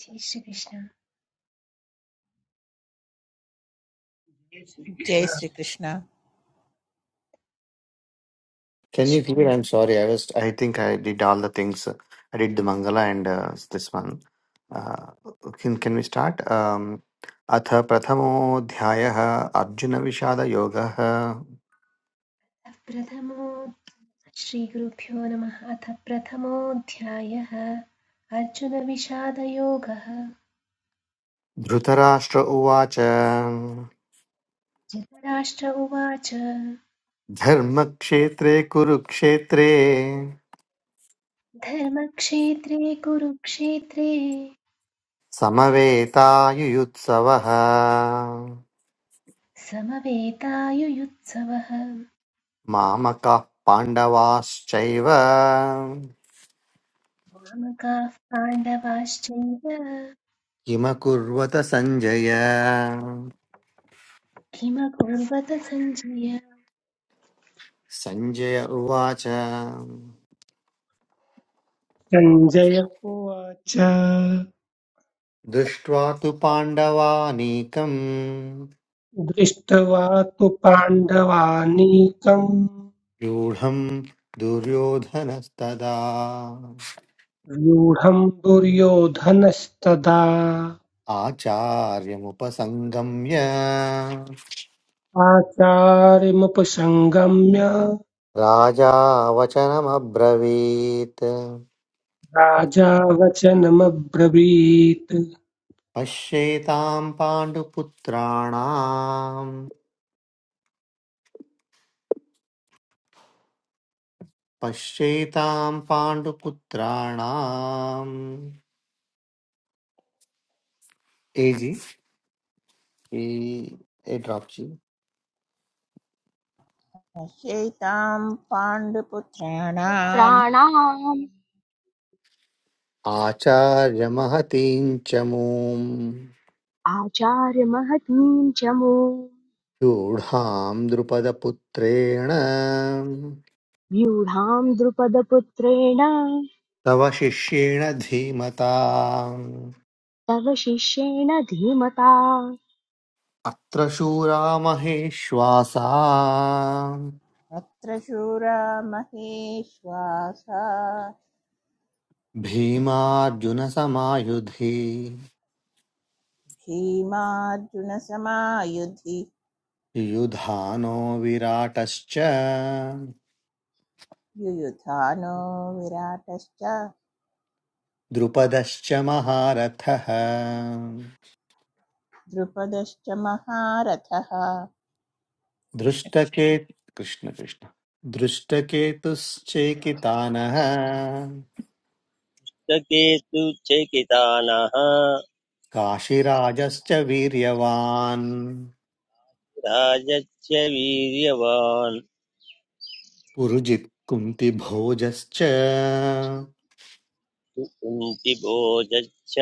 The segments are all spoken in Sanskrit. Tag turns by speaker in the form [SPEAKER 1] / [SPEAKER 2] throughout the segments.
[SPEAKER 1] जय श्रीकृष्ण
[SPEAKER 2] जय Shri Krishna
[SPEAKER 3] Can you hear?
[SPEAKER 1] अशुभोदय
[SPEAKER 3] I'm sorry. I was. I think I did all the things. I did the Mangala and uh, this one. Uh, can can we start? Um, अथ प्रथमोऽध्यायः अर्जुनविषादयोगः
[SPEAKER 1] अथ प्रथमो श्रीगुरुभ्यो नमः अथ प्रथमोऽध्यायः अर्जुनविषादयोगः
[SPEAKER 3] धृतराष्ट्र उवाच
[SPEAKER 1] धृतराष्ट्र उवाच
[SPEAKER 3] धर्मक्षेत्रे कुरुक्षेत्रे
[SPEAKER 1] धर्मक्षेत्रे कुरुक्षेत्रे
[SPEAKER 3] समवेतायुयुत्सवः
[SPEAKER 1] समवेतायुयुत्सवः
[SPEAKER 3] मामकाः पाण्डवाश्चैव
[SPEAKER 1] कामकाः पाण्डवाश्चैव
[SPEAKER 3] किमकुर्वत सञ्जय
[SPEAKER 1] किमकुर्वत सञ्जय
[SPEAKER 3] सञ्जय उवाच
[SPEAKER 4] सञ्जय उवाच
[SPEAKER 3] दृष्ट्वा तु पाण्डवानीकम्
[SPEAKER 4] दृष्ट्वा तु पाण्डवानीकम्
[SPEAKER 3] रूढम् दुर्योधनस्तदा
[SPEAKER 4] व्यूढम् दुर्योधनस्तदा
[SPEAKER 3] आचार्यमुपसङ्गम्य
[SPEAKER 4] आचार्यमुपसङ्गम्य
[SPEAKER 3] राजा वचनमब्रवीत्
[SPEAKER 4] राजा वचनमब्रवीत्
[SPEAKER 3] पश्येताम् पाण्डुपुत्राणाम् पश्येताम् पाण्डुपुत्राणाम् एजि ए ड्राप् जी
[SPEAKER 2] पश्यैतां पाण्डुपुत्राणां
[SPEAKER 5] पुत्राणाम्
[SPEAKER 3] आचार्यमहतीं च मूम्
[SPEAKER 5] आचार्यमहतीं च मूम्
[SPEAKER 3] रूढां द्रुपदपुत्रेण
[SPEAKER 5] व्यूढां द्रुपदपुत्रेण
[SPEAKER 3] तव शिष्येण धीमता
[SPEAKER 5] तव शिष्येण धीमता
[SPEAKER 3] अत्र शूरा महेश्वासा
[SPEAKER 2] अत्र शूरा महेश्वासा
[SPEAKER 3] भीमार्जुनसमायुधि
[SPEAKER 2] भीमार्जुनसमायुधि
[SPEAKER 3] युधानो विराटश्च
[SPEAKER 2] युयुधानो विराटश्च
[SPEAKER 3] द्रुपदश्च महारथः
[SPEAKER 2] द्रुपदश्च महारथः कृष्णकृष्ण
[SPEAKER 3] दृष्टकेत् कृष्ण कृष्ण दृष्टकेतुश्चेकितानः
[SPEAKER 6] सकेतु च कितानः
[SPEAKER 3] काशिराजश्च वीर्यवान्
[SPEAKER 6] राजच्च वीर्यवान्
[SPEAKER 3] पुरुजित् कुन्तिभोजश्च
[SPEAKER 6] कुन्तिभोजच्च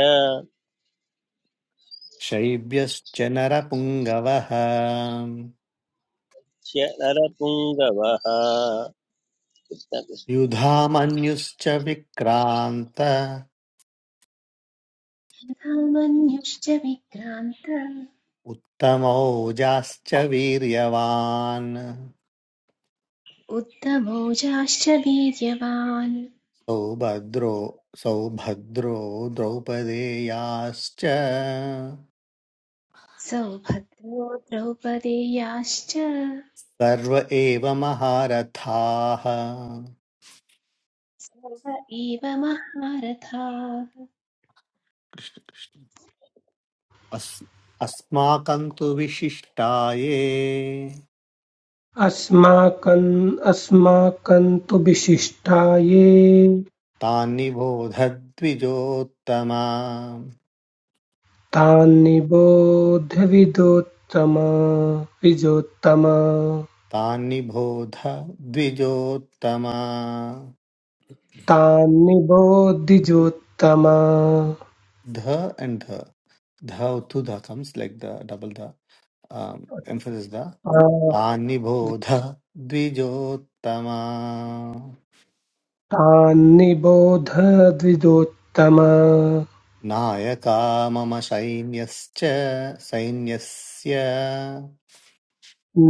[SPEAKER 3] शैब्यश्च नरपुङ्गवः
[SPEAKER 6] च नरपुङ्गवः
[SPEAKER 3] युधामन्युश्च विक्रान्त
[SPEAKER 1] तथा मन्युश्च विक्रान्त
[SPEAKER 3] उत्तमौजाश्च वीर्यवान्
[SPEAKER 1] उद्धमोजाश्च वीर्यवान्
[SPEAKER 3] सौभद्रो सौभद्रो द्रौपदेयाश्च
[SPEAKER 1] सौभद्रो द्रौपदेयाश्च
[SPEAKER 3] सर्व एव महारथाः
[SPEAKER 1] सर्व एव महारथाः
[SPEAKER 3] अस् अस्माकं तु विशिष्टाये
[SPEAKER 4] अस्माकन् अस्माकं तु विशिष्टाये
[SPEAKER 3] तान्निबोध द्विजोत्तमा
[SPEAKER 4] तान् निबोध्य विदोत्तम विजोत्तम
[SPEAKER 3] तान्निबोध द्विजोत्तमा
[SPEAKER 4] तान्निबोधिजोत्तम आ-
[SPEAKER 3] ध एण्ड् ध ध टु ध comes like the double the emphasis the तान्निबोध द्विजोत्तमा
[SPEAKER 4] तान्निबोध द्विजोत्तम
[SPEAKER 3] नायका मम सैन्यश्च सैन्यस्य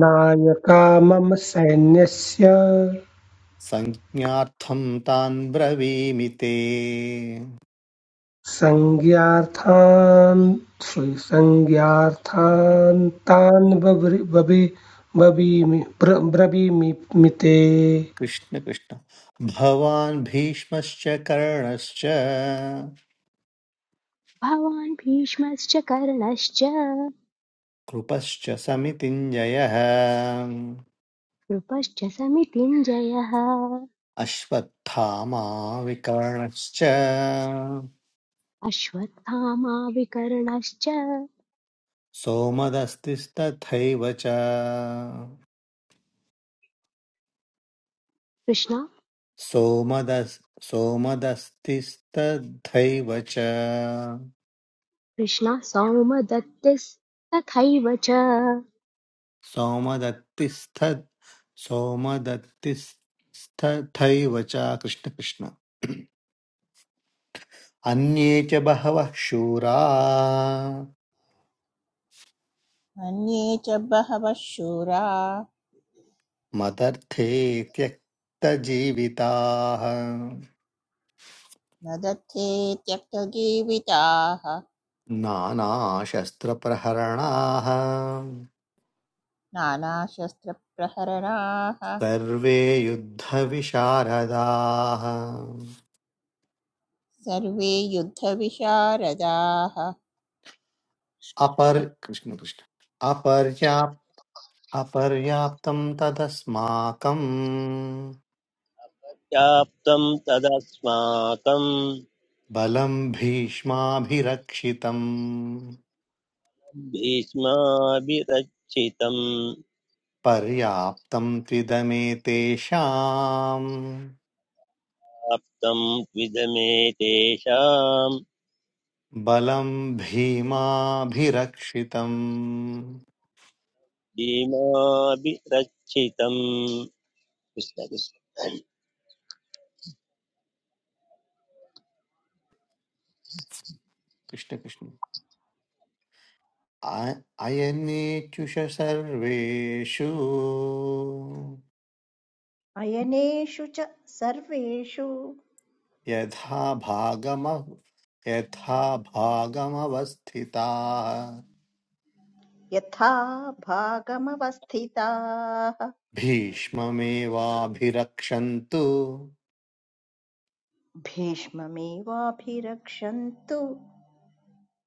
[SPEAKER 4] नायका मम सैन्यस्य
[SPEAKER 3] संज्ञार्थं तान् ब्रवीमि ते
[SPEAKER 4] संज्ञार्थान् श्री संज्ञार्थान् तान् बब्रि- बबि- बबीमि ब्र- ब्रवीमि मिते
[SPEAKER 3] कृष्ण कृष्ण भवान् भीष्मश्च कर्णश्च
[SPEAKER 5] भवान् भीष्मश्च कर्णश्च
[SPEAKER 3] कृपश्च समितिञ्जयः
[SPEAKER 5] कृपश्च समितिञ्जयः
[SPEAKER 3] अश्वत्थामा विकर्णश्च
[SPEAKER 5] अश्वत्थामाविकर्णश्च कृष्ण
[SPEAKER 3] सोमदस्तिस्तथैव च सोमदस् सोमदस्तिस्तथैव च
[SPEAKER 5] कृष्ण सौमदत्तिस्तथैव च
[SPEAKER 3] सोमदत्तिस्थ सोमदत्तिस्थथैव च कृष्णकृष्ण अन्ये च बहवः शूरा
[SPEAKER 2] अन्ये च बहवः शूरा
[SPEAKER 3] मदर्थे त्यक्तजीविताः
[SPEAKER 2] न दत्ते त्यक्तजीविताः
[SPEAKER 3] नानाशस्त्रप्रहरणाः
[SPEAKER 2] नानाशस्त्रप्रहरणाः
[SPEAKER 3] सर्वे युद्धविशारदाः
[SPEAKER 2] सर्वे युद्धविशारदाः
[SPEAKER 3] अपर् कृष्णकृष्ण अपर्याप् अपर्याप्तं तदस्माकम्
[SPEAKER 6] व्याप्तं तदस्माकं
[SPEAKER 3] बलम् भीष्माभिरक्षितम्
[SPEAKER 6] भीष्माभिरक्षितम्
[SPEAKER 3] पर्याप्तम् त्विदमेतेषाम्
[SPEAKER 6] प्राप्तं द्विदमे तेषां
[SPEAKER 3] बलम् भीमाभिरक्षितम्
[SPEAKER 6] भीमाभिरक्षितम् कृष्ण कृष्ण
[SPEAKER 3] कृष्ण कृष्ण आ- अयनेचुष सर्वेषु
[SPEAKER 7] अयनेषु च सर्वेषु
[SPEAKER 3] यथा भागम यथा भागमवस्थिताः
[SPEAKER 7] यथा भागमवस्थिताः
[SPEAKER 3] भीष्ममेवाभिरक्षन्तु
[SPEAKER 7] भीष्ममेवाभिरक्षन्तु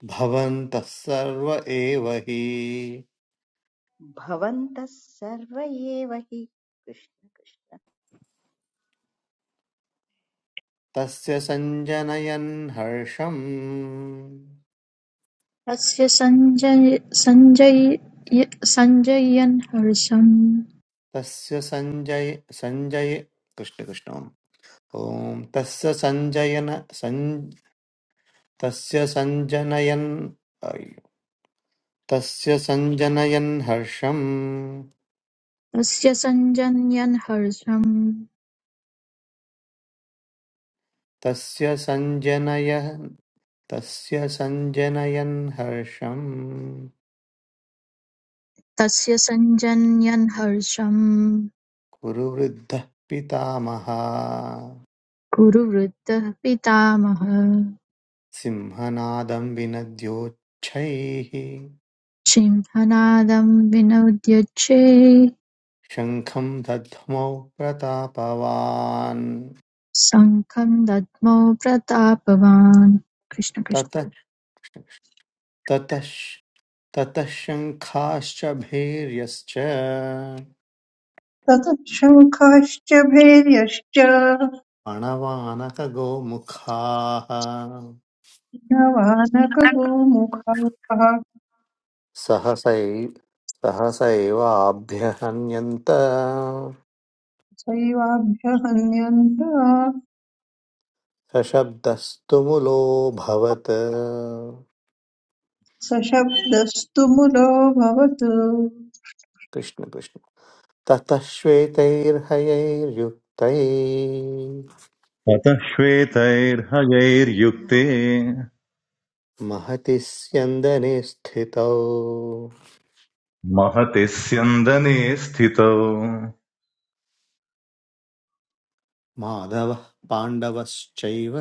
[SPEAKER 3] भवन्तः सर्व एव हि
[SPEAKER 7] भवन्तः सर्व एव हि कृष्ण कृष्ण।
[SPEAKER 3] तस्य सञ्जनयन् हर्षम्
[SPEAKER 8] तस्य सञ्जनयन्
[SPEAKER 3] तस्य सञ्जय सञ्जय कृष्णकृष्ण ॐ तस्य सञ्जयन सञ् तस्य सञ्जनयन् अय्, तस्य सञ्जनयन् हर्षम् तस्य सञ्जनय तस्य सञ्जनयन् हर्षम्
[SPEAKER 8] हर्षं
[SPEAKER 3] कुरु वृद्धः पितामहः
[SPEAKER 8] कुरुवृद्धः पितामहः
[SPEAKER 3] सिंहनादं विनद्योच्छ्वैः
[SPEAKER 8] सिंहनादं विनोद्यच्छे
[SPEAKER 3] शङ्खं दध्मौ प्रतापवान्
[SPEAKER 8] शङ्खं दद्मौ प्रतापवान् कृष्ण कृष्ण
[SPEAKER 3] ततः ततः श- ततः शङ्खाश्च भैर्यश्च
[SPEAKER 9] ततः शङ्खाश्च भैर्यश्च
[SPEAKER 3] पणवानकगोमुखाः
[SPEAKER 9] नवानकगोमुखाः
[SPEAKER 3] सहसै सहसैवाभ्यहन्यन्त
[SPEAKER 9] सैवाभ्यहन्यन्त
[SPEAKER 3] सशब्दस्तुमुलोऽभवत्
[SPEAKER 9] सशब्दस्तु मुलो भवतु
[SPEAKER 3] कृष्ण कृष्ण ततः श्वेतैर्हयैर्युक्तैः
[SPEAKER 10] अतः श्वेतैर्हयैर्युक्ते
[SPEAKER 3] महति स्यन्दने स्थितौ
[SPEAKER 10] महति स्यन्दने स्थितौ
[SPEAKER 3] माधवः पाण्डवश्चैव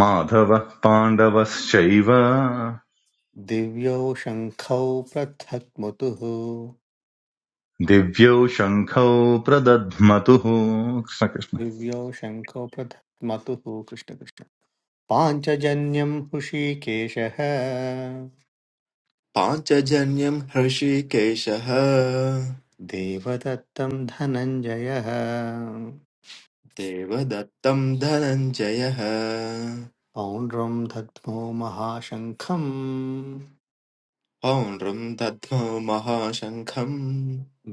[SPEAKER 10] माधवः पाण्डवश्चैव
[SPEAKER 3] दिव्यौ शङ्खौ पृथक् मতুः
[SPEAKER 10] दिव्यौ शङ्खौ प्रदध्मतुः कृष्णकृष्ण
[SPEAKER 3] दिव्यौ शङ्खौ पृथक् मतुः कृष्णकृष्ण पाञ्चजन्यम् हुषीकेशः
[SPEAKER 11] पाञ्चजन्यं हृषीकेशः
[SPEAKER 3] देवदत्तं धनञ्जयः
[SPEAKER 11] देवदत्तं धनञ्जयः
[SPEAKER 3] पौण्ड्रं दद्मो महाशङ्खम्
[SPEAKER 11] पौण्ड्रं दद्मो महाशङ्खम्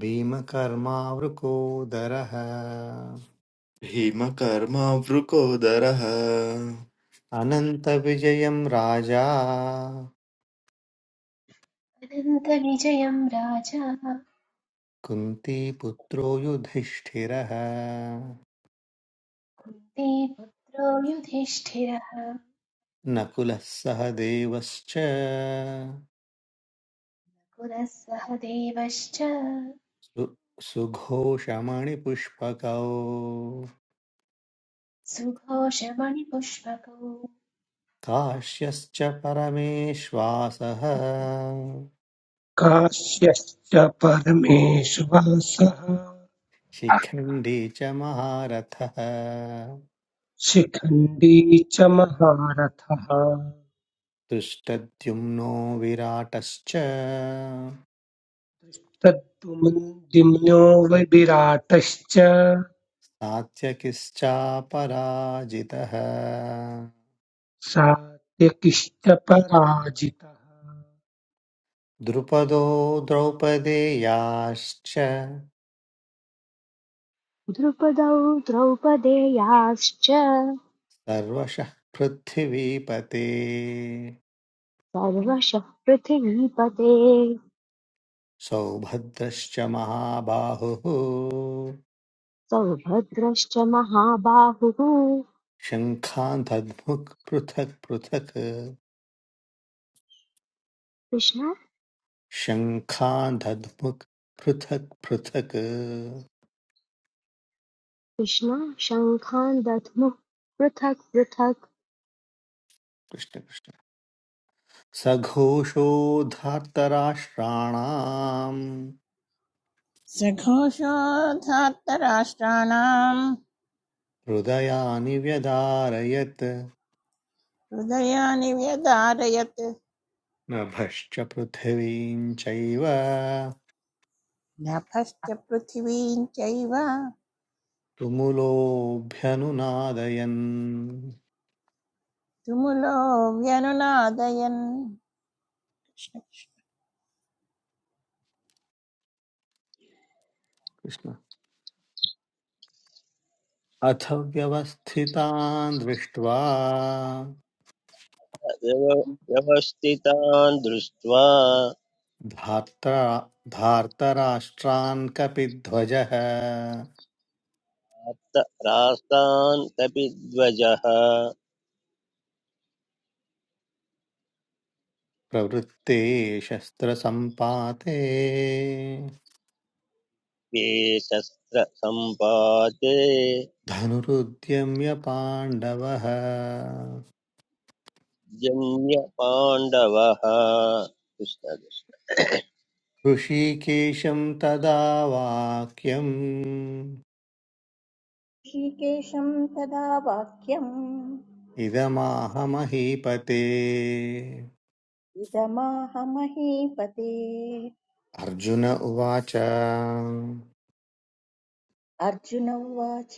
[SPEAKER 3] भीमकर्मावृकोदरः
[SPEAKER 11] भीमकर्मावृकोदरः
[SPEAKER 3] अनन्तविजयं राजा
[SPEAKER 1] अनन्तविजयं राजा
[SPEAKER 3] कुन्तीपुत्रो युधिष्ठिरः
[SPEAKER 1] कुन्तीपुत्रो युधिष्ठिरः
[SPEAKER 3] नकुलः सह देवश्च
[SPEAKER 1] पुरः सह देवश्च
[SPEAKER 3] सु सुघोषमणिपुष्पकौ
[SPEAKER 1] सुघोषमणिपुष्पकौ
[SPEAKER 3] काश्यश्च परमेश्वासः
[SPEAKER 4] काश्यश्च परमेश्वरसः
[SPEAKER 3] शिखण्डी च महारथः
[SPEAKER 4] शिखण्डी च महारथः
[SPEAKER 3] दुष्टद्युम्नो विराटश्च
[SPEAKER 4] तद्दुम्नो विराटश्च
[SPEAKER 3] सात्यकिश्चापराजितः
[SPEAKER 4] सात्यकिश्च पराजितः
[SPEAKER 3] द्रुपदो द्रौपदेयाश्च
[SPEAKER 5] द्रुपदौ द्रौपदेयाश्च
[SPEAKER 3] सर्वशः पृथिवीपते
[SPEAKER 5] सर्वशः पृथिवीपते
[SPEAKER 3] सौभद्रश्च महाबाहुः
[SPEAKER 5] सौभद्रश्च महाबाहुः
[SPEAKER 3] शङ्खान्धद्मुक् पृथक् पृथक्
[SPEAKER 5] कृष्ण
[SPEAKER 3] शङ्खान्धद्मुक् पृथक् पृथक्
[SPEAKER 5] कृष्ण शङ्खान् दध्मुः पृथक् पृथक्
[SPEAKER 3] कृष्ण कृष्ण सघोषोधार्तराष्ट्राणाम्
[SPEAKER 2] सघोषोद्धार्तराष्ट्राणाम्
[SPEAKER 3] हृदयानि व्यदारयत्
[SPEAKER 2] हृदयानि व्यदारयत्
[SPEAKER 3] नभश्च पृथिवीं चैव
[SPEAKER 2] नभश्च पृथिवीं चैव
[SPEAKER 3] तुमुलोऽभ्यनुनादयन्
[SPEAKER 2] तुमुलो व्यनुनादयन्
[SPEAKER 3] कृष्ण अथ व्यवस्थितान् दृष्ट्वा
[SPEAKER 6] व्यव- व्यवस्थितान् दृष्ट्वा
[SPEAKER 3] धार्त्रा धार्तराष्ट्रान् कपिध्वजः
[SPEAKER 6] अथ राष्ट्रान् कपिध्वजः
[SPEAKER 3] प्रवृत्ते शस्त्रसम्पाते
[SPEAKER 6] शस्त्रसम्पाते
[SPEAKER 3] धनुरुद्यम्य पाण्डवः
[SPEAKER 6] जन्य पाण्डवः कृष्णकृष्ण
[SPEAKER 3] ऋषिकेशं तदा वाक्यम्
[SPEAKER 7] ऋषिकेशं तदा वाक्यम्
[SPEAKER 3] इदमाहमहीपते
[SPEAKER 7] इदमाह
[SPEAKER 3] अर्जुन उवाच
[SPEAKER 7] अर्जुन उवाच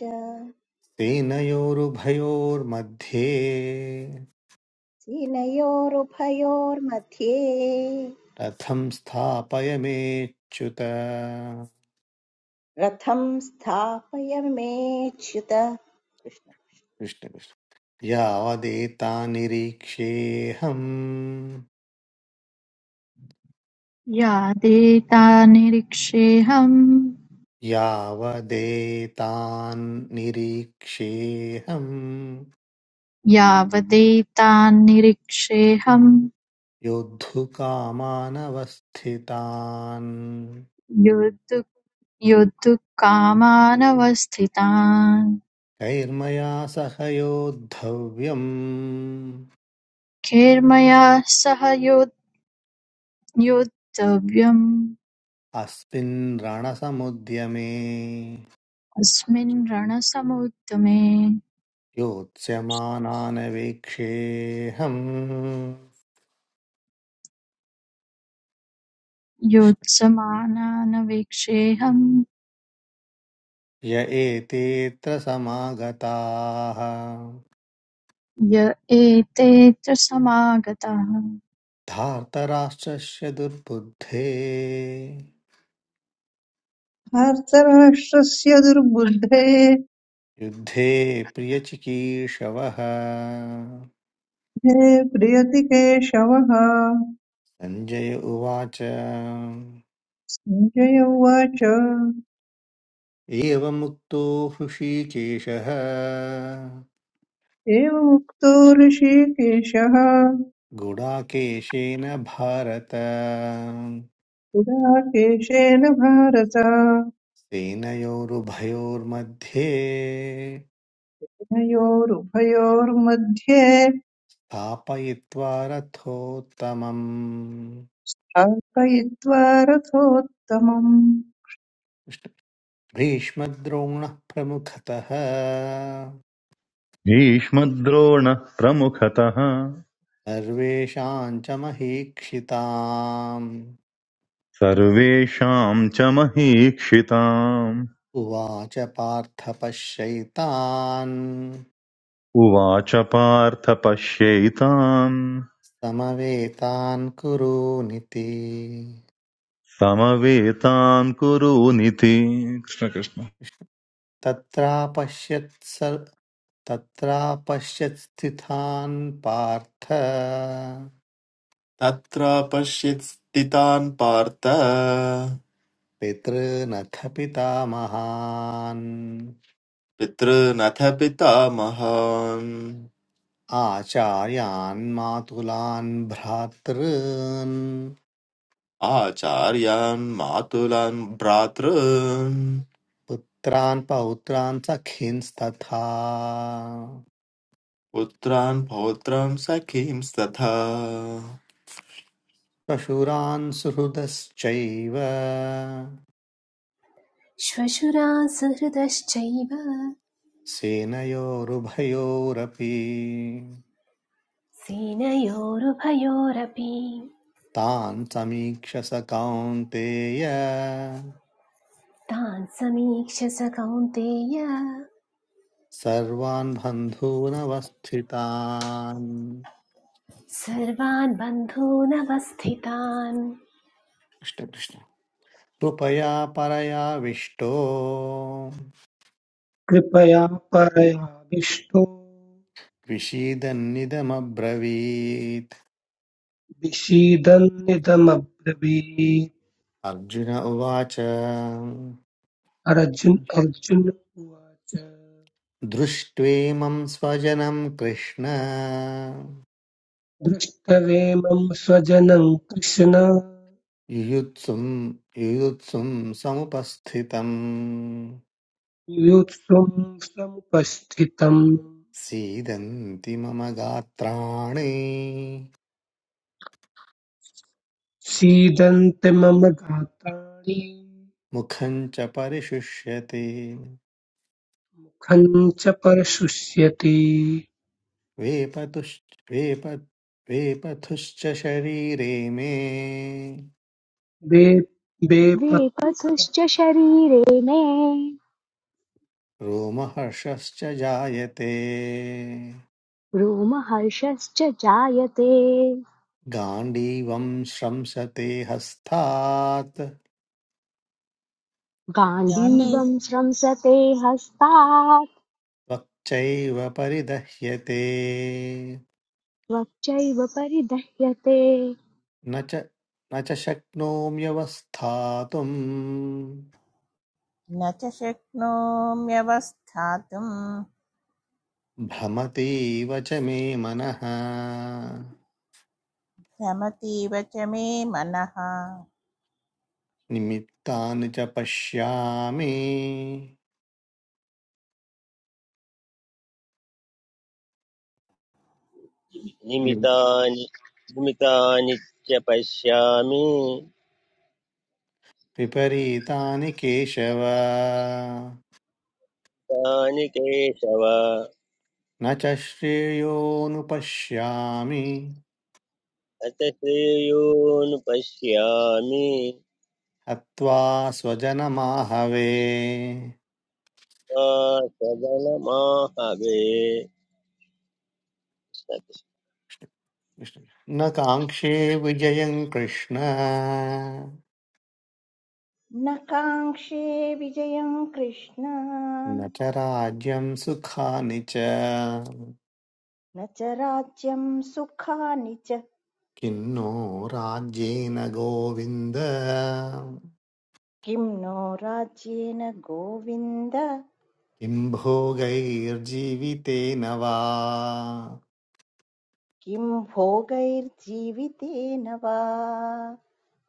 [SPEAKER 3] सेनयोरुभयोर्मध्ये
[SPEAKER 7] सेनयोरुभयोर्मध्ये
[SPEAKER 3] रथं स्थापयमेच्युत
[SPEAKER 7] रथं स्थापय मेच्युत
[SPEAKER 3] कृष्णकृष्ण यावदेतान्निरीक्ष्येऽहम्
[SPEAKER 8] यादेता निरीक्षेऽहम्
[SPEAKER 3] यावदेतान्निरीक्ष्येऽहम्
[SPEAKER 8] यावदेता निरीक्षेऽहम्
[SPEAKER 3] योद्धुकामानवस्थितान्
[SPEAKER 8] योद्धुकामानवस्थितान्
[SPEAKER 3] कैर्मया सह योद्धव्यम्
[SPEAKER 8] खैर्मया सह यो- योद्धव्यम्
[SPEAKER 3] अस्मिन् रणसमुद्यमे
[SPEAKER 8] अस्मिन् रणसमुद्यमे
[SPEAKER 3] योत्स्यमानान् वीक्षेऽहम् कृष्ण।
[SPEAKER 8] योत्समानानवीक्षेऽहम्
[SPEAKER 3] य एतेऽत्र समागताः
[SPEAKER 8] य एते च समागताः
[SPEAKER 3] धार्तराष्ट्रस्य दुर्बुद्धे
[SPEAKER 9] हर्तराष्ट्रस्य दुर्बुद्धे
[SPEAKER 3] युद्धे प्रियचिकीर्षवः
[SPEAKER 9] हे प्रियति केशवः
[SPEAKER 3] सञ्जय उवाच
[SPEAKER 9] सञ्जय उवाच
[SPEAKER 3] एवमुक्तो हृषीकेशः
[SPEAKER 9] एवमुक्तो ऋषिकेशः
[SPEAKER 3] गुडाकेशेन भारत
[SPEAKER 9] पुरा केशेन भारत
[SPEAKER 3] सेनयोरुभयोर्मध्ये
[SPEAKER 9] उभयोरुभयोर्मध्ये
[SPEAKER 3] स्थापयित्वा रथोत्तमम्
[SPEAKER 9] स्थापयित्वा रथोत्तमम्
[SPEAKER 3] भीष्मद्रोण्णः प्रमुखतः
[SPEAKER 10] भीष्मद्रोणः प्रमुखतः
[SPEAKER 3] सर्वेषाम् च महीक्षिताम्
[SPEAKER 10] सर्वेषाम् च महीक्षिताम्
[SPEAKER 3] उवाच पार्थ पश्यैतान्
[SPEAKER 10] उवाच पार्थ पश्यैताम्
[SPEAKER 3] समवेतान् कुरूनिति
[SPEAKER 10] समवेतान् कुरूनिति कृष्णकृष्ण
[SPEAKER 3] तत्रापश्यत् सर् तत्रापश्यत्स्थितान् पार्थ
[SPEAKER 11] तत्रापश्यत् स्थितान् पार्थ
[SPEAKER 3] पितॄनथ पितामहान्
[SPEAKER 11] पितृनथ पितामहान्
[SPEAKER 3] आचार्यान् मातुलान् भ्रातॄन्
[SPEAKER 11] आचार्यान् मातुलान् भ्रातॄन्
[SPEAKER 3] पुत्रान् पौत्रान् सखींस्तथा
[SPEAKER 11] पुत्रान् पौत्रान् सखींस्तथा
[SPEAKER 3] श्वशुरान् सुहृदश्चैव
[SPEAKER 1] श्वशुरासुहृदश्चैव
[SPEAKER 3] सेनयोरुभयोरपि
[SPEAKER 1] सेनयोरुभयोरपि
[SPEAKER 3] तान् समीक्ष स कौन्तेय
[SPEAKER 1] तान् समीक्ष स कौन्तेय
[SPEAKER 3] सर्वान् बन्धूनवस्थितान्
[SPEAKER 1] सर्वान् बन्धूनवस्थितान्
[SPEAKER 3] कृष्ण कृष्ण। कृपया परयाविष्टो
[SPEAKER 4] कृपया परयाविष्टो
[SPEAKER 3] विषीदन्निदमब्रवीत्
[SPEAKER 4] विषीदन्निदमब्रवीत्
[SPEAKER 3] अर्जुन उवाच
[SPEAKER 4] अर्जुन अर्जुन उवाच
[SPEAKER 3] दृष्ट्वेमं स्वजनं कृष्ण
[SPEAKER 4] दृष्टवेमं स्वजनं कृष्ण
[SPEAKER 3] युयुत्सुं युयुत्सुं समुपस्थितं
[SPEAKER 4] युत्सुं समुपस्थितम्
[SPEAKER 3] सीदन्ति मम गात्राणि
[SPEAKER 4] सीदन्ति मम गात्राणि
[SPEAKER 3] मुखं च परिशुष्यते
[SPEAKER 4] मुखं च परशुष्यति
[SPEAKER 3] वेपतुश्च वेप वेपथुश्च शरीरे मे
[SPEAKER 4] बे बेपत्स
[SPEAKER 5] द्विपथुश्च शरीरे मे
[SPEAKER 3] रोमहर्षश्च जायते
[SPEAKER 5] रोमहर्षश्च जायते
[SPEAKER 3] गाण्डीवम् श्रंसते हस्तात्
[SPEAKER 2] गाण्डी
[SPEAKER 5] गाण्डीवम् स्रंसते हस्तात्
[SPEAKER 3] त्वच्चैव परिदह्यते
[SPEAKER 5] त्वच्चैव परिदह्यते
[SPEAKER 3] न च न च शक्नोम्यवस्थातुम्
[SPEAKER 2] न च शक्नोम्यवस्थातुम्
[SPEAKER 3] भ्रमतीव च मे मनः
[SPEAKER 2] रमतीव च मे मनः
[SPEAKER 3] निमित्तानि च पश्यामि नि-
[SPEAKER 6] निमितानि निमितानि च पश्यामि
[SPEAKER 3] विपरीतानि केशव
[SPEAKER 6] तानि केशव अथ
[SPEAKER 3] न च श्रेयोनुपश्यामि
[SPEAKER 6] श्रेयोन् पश्यामि
[SPEAKER 3] हत्वा स्वजनमाहवे
[SPEAKER 6] मा सदनमाहवे कृष्ण
[SPEAKER 3] न काङ्क्षे विजयं कृष्ण
[SPEAKER 7] न काङ्क्षे विजयम् कृष्ण
[SPEAKER 3] न च राज्यं सुखानि च
[SPEAKER 7] न च राज्यम् सुखानि च
[SPEAKER 3] किन्नो राज्येन गोविन्द
[SPEAKER 7] किं नो राज्येन गोविन्द
[SPEAKER 3] किं भोगैर्जीवितेन वा
[SPEAKER 7] किं भोगैर्जीवितेन वा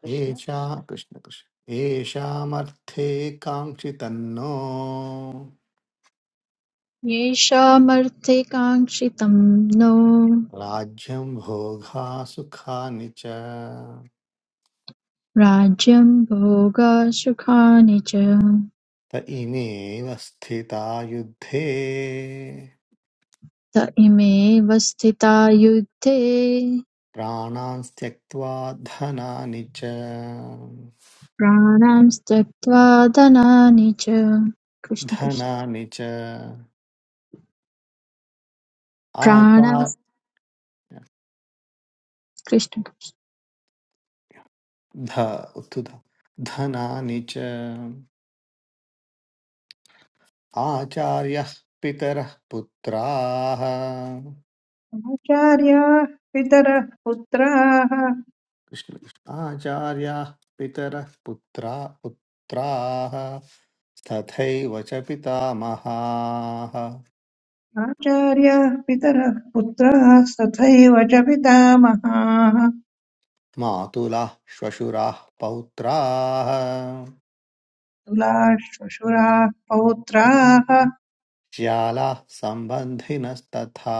[SPEAKER 7] कृष्ण
[SPEAKER 3] एषा
[SPEAKER 7] कृष्ण
[SPEAKER 3] कृष्णकृष्ण येषामर्थे काङ्क्षितन्नो
[SPEAKER 8] येषामर्थेकाङ्क्षितं नो
[SPEAKER 3] राज्यं भोगा सुखानि च
[SPEAKER 8] राज्यं भोगसुखानि च
[SPEAKER 3] त इमेव स्थिता युद्धे
[SPEAKER 8] त इमेव स्थिता युद्धे
[SPEAKER 3] प्राणान् त्यक्त्वा धनानि च
[SPEAKER 8] प्राणांस्तत्त्वा दनानि च कृष्ण कृष्ण
[SPEAKER 3] धनानि च आचा
[SPEAKER 8] प्राणां कृष्ण कृष्ण
[SPEAKER 3] ध उत्थुत धनानि च आचार्यः पितरः पुत्राः
[SPEAKER 9] आचार्याः पितरः पुत्राः
[SPEAKER 3] कृष्ण कृष्ण। आचार्याः पितरः पुत्रा पुत्राः तथैव च पितामहाः
[SPEAKER 9] आचार्याः पितरः पुत्राः तथैव च पितामहाः
[SPEAKER 3] मातुलः श्वशुराः पौत्राः
[SPEAKER 9] तुलाः श्वशुराः पौत्राः
[SPEAKER 3] ज्यालाः सम्बन्धिनस्तथा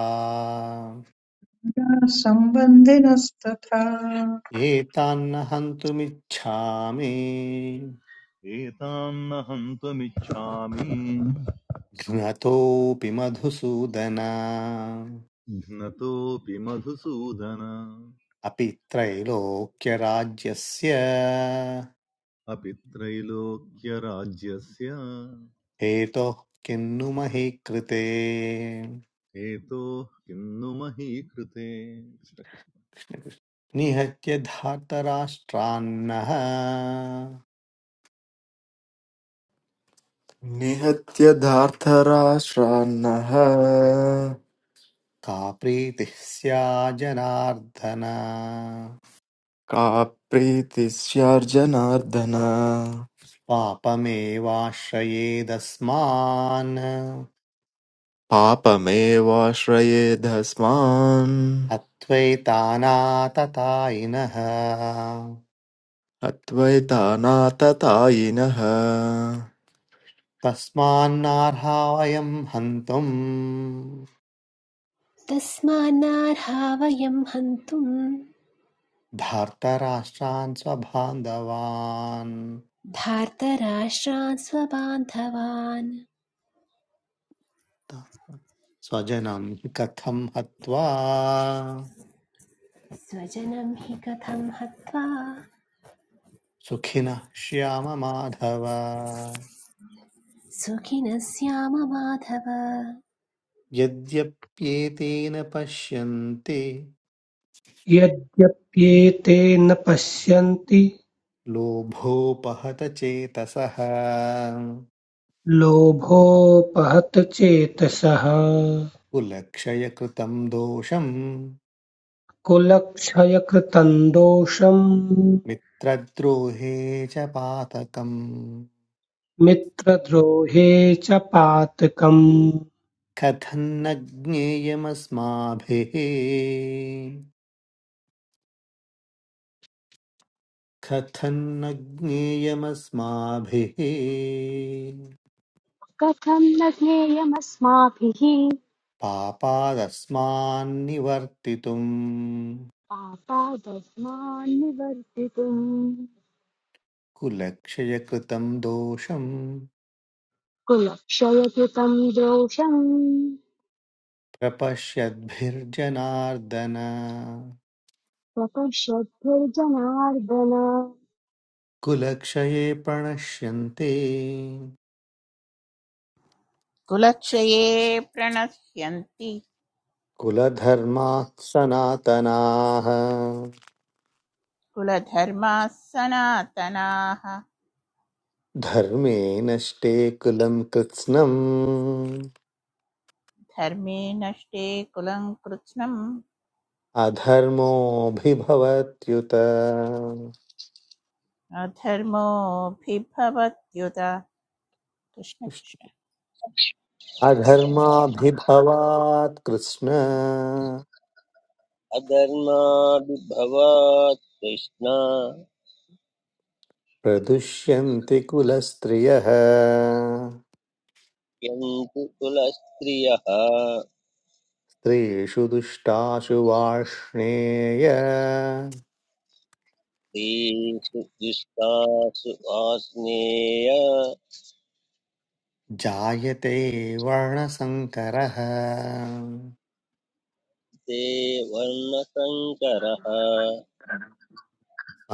[SPEAKER 9] पुत्राः सम्बन्धिनस्तथा
[SPEAKER 3] ये तान्न हन्तुमिच्छामि
[SPEAKER 10] एतान्नहं त्वमिच्छामि
[SPEAKER 3] घ्नतोऽपि मधुसूदन
[SPEAKER 10] घ्नतोऽपि मधुसूदन
[SPEAKER 3] अपि त्रैलोक्यराज्यस्य
[SPEAKER 10] अपि त्रैलोक्यराज्यस्य
[SPEAKER 3] हेतोः किन्नु महि कृते
[SPEAKER 10] हेतोः किन्नु महीकृते
[SPEAKER 3] निहत्य धार्तराष्ट्रान्नः
[SPEAKER 11] निहत्य धार्तराष्ट्रान्नः
[SPEAKER 3] का प्रीतिः स्या जनार्दन
[SPEAKER 11] का प्रीतिः स्यार्जनार्दन
[SPEAKER 3] पापमेवाश्रयेदस्मान्
[SPEAKER 11] पापमेवाश्रयेधस्मान्
[SPEAKER 3] अत्वैतानाततायिनः
[SPEAKER 11] अद्वैतानाततायिनः
[SPEAKER 3] तस्मान्नार्हा वयम् हन्तुम्
[SPEAKER 1] तस्मान्नार्हा वयं हन्तुं
[SPEAKER 3] धार्तराष्ट्रान् स्वबान्धवान्
[SPEAKER 1] धार्तराष्ट्रान् स्वबान्धवान्
[SPEAKER 3] स्वजनं हि कथं हत्वा
[SPEAKER 1] स्वजनं हि कथं हत्वा
[SPEAKER 3] सुखिनः श्याम माधव
[SPEAKER 1] सुखिनः स्याम माधव
[SPEAKER 3] यद्यप्येतेन पश्यन्ति
[SPEAKER 4] यद्यप्येते न पश्यन्ति
[SPEAKER 3] लोभोपहत चेतसः
[SPEAKER 4] लोभोपहत चेतसः
[SPEAKER 3] कुलक्षयकृतं दोषं
[SPEAKER 4] कुलक्षयकृतं दोषं
[SPEAKER 3] मित्रद्रोहे च पातकम्
[SPEAKER 4] मित्रद्रोहे च पातकम्
[SPEAKER 3] कथन्न ज्ञेयमस्माभिः कथन्न ज्ञेयमस्माभिः
[SPEAKER 5] कथं न ज्ञेयमस्माभिः
[SPEAKER 3] पापादस्मान्निवर्तितुम्
[SPEAKER 5] पापादस्मान् निवर्तितुम्
[SPEAKER 3] कुलक्षयकृतं दोषं
[SPEAKER 5] कुलक्षयकृतम् द्रोषम्
[SPEAKER 3] प्रपश्यद्भिर्जनार्दन
[SPEAKER 5] प्रपश्यद्भिर्जनार्दन
[SPEAKER 3] कुलक्षये प्रणश्यन्ते
[SPEAKER 2] कुलक्षये प्रणश्यन्ति
[SPEAKER 3] कुलधर्माः सनातनाः
[SPEAKER 2] कुलधर्माः सनातनाः
[SPEAKER 3] धर्मे नष्टे कुलं कृत्स्नम्
[SPEAKER 2] धर्मे नष्टे कुलं कृत्स्नम्
[SPEAKER 3] अधर्मोऽभिभवत्युत
[SPEAKER 2] अधर्मोऽभिभवत्युत कृष्ण कृष्ण
[SPEAKER 3] अधर्माभिभवात् कृष्ण
[SPEAKER 6] अधर्माभिभवात् कृष्ण
[SPEAKER 3] प्रदुष्यन्ति कुलस्त्रियः
[SPEAKER 6] यन्तु कुलस्त्रियः
[SPEAKER 3] स्त्रीषु दुष्टाशु वार्ष्णेय
[SPEAKER 6] तेषु दुष्टासु आस्नेय
[SPEAKER 3] जायते वर्णसङ्करः
[SPEAKER 6] ते वर्णशङ्करः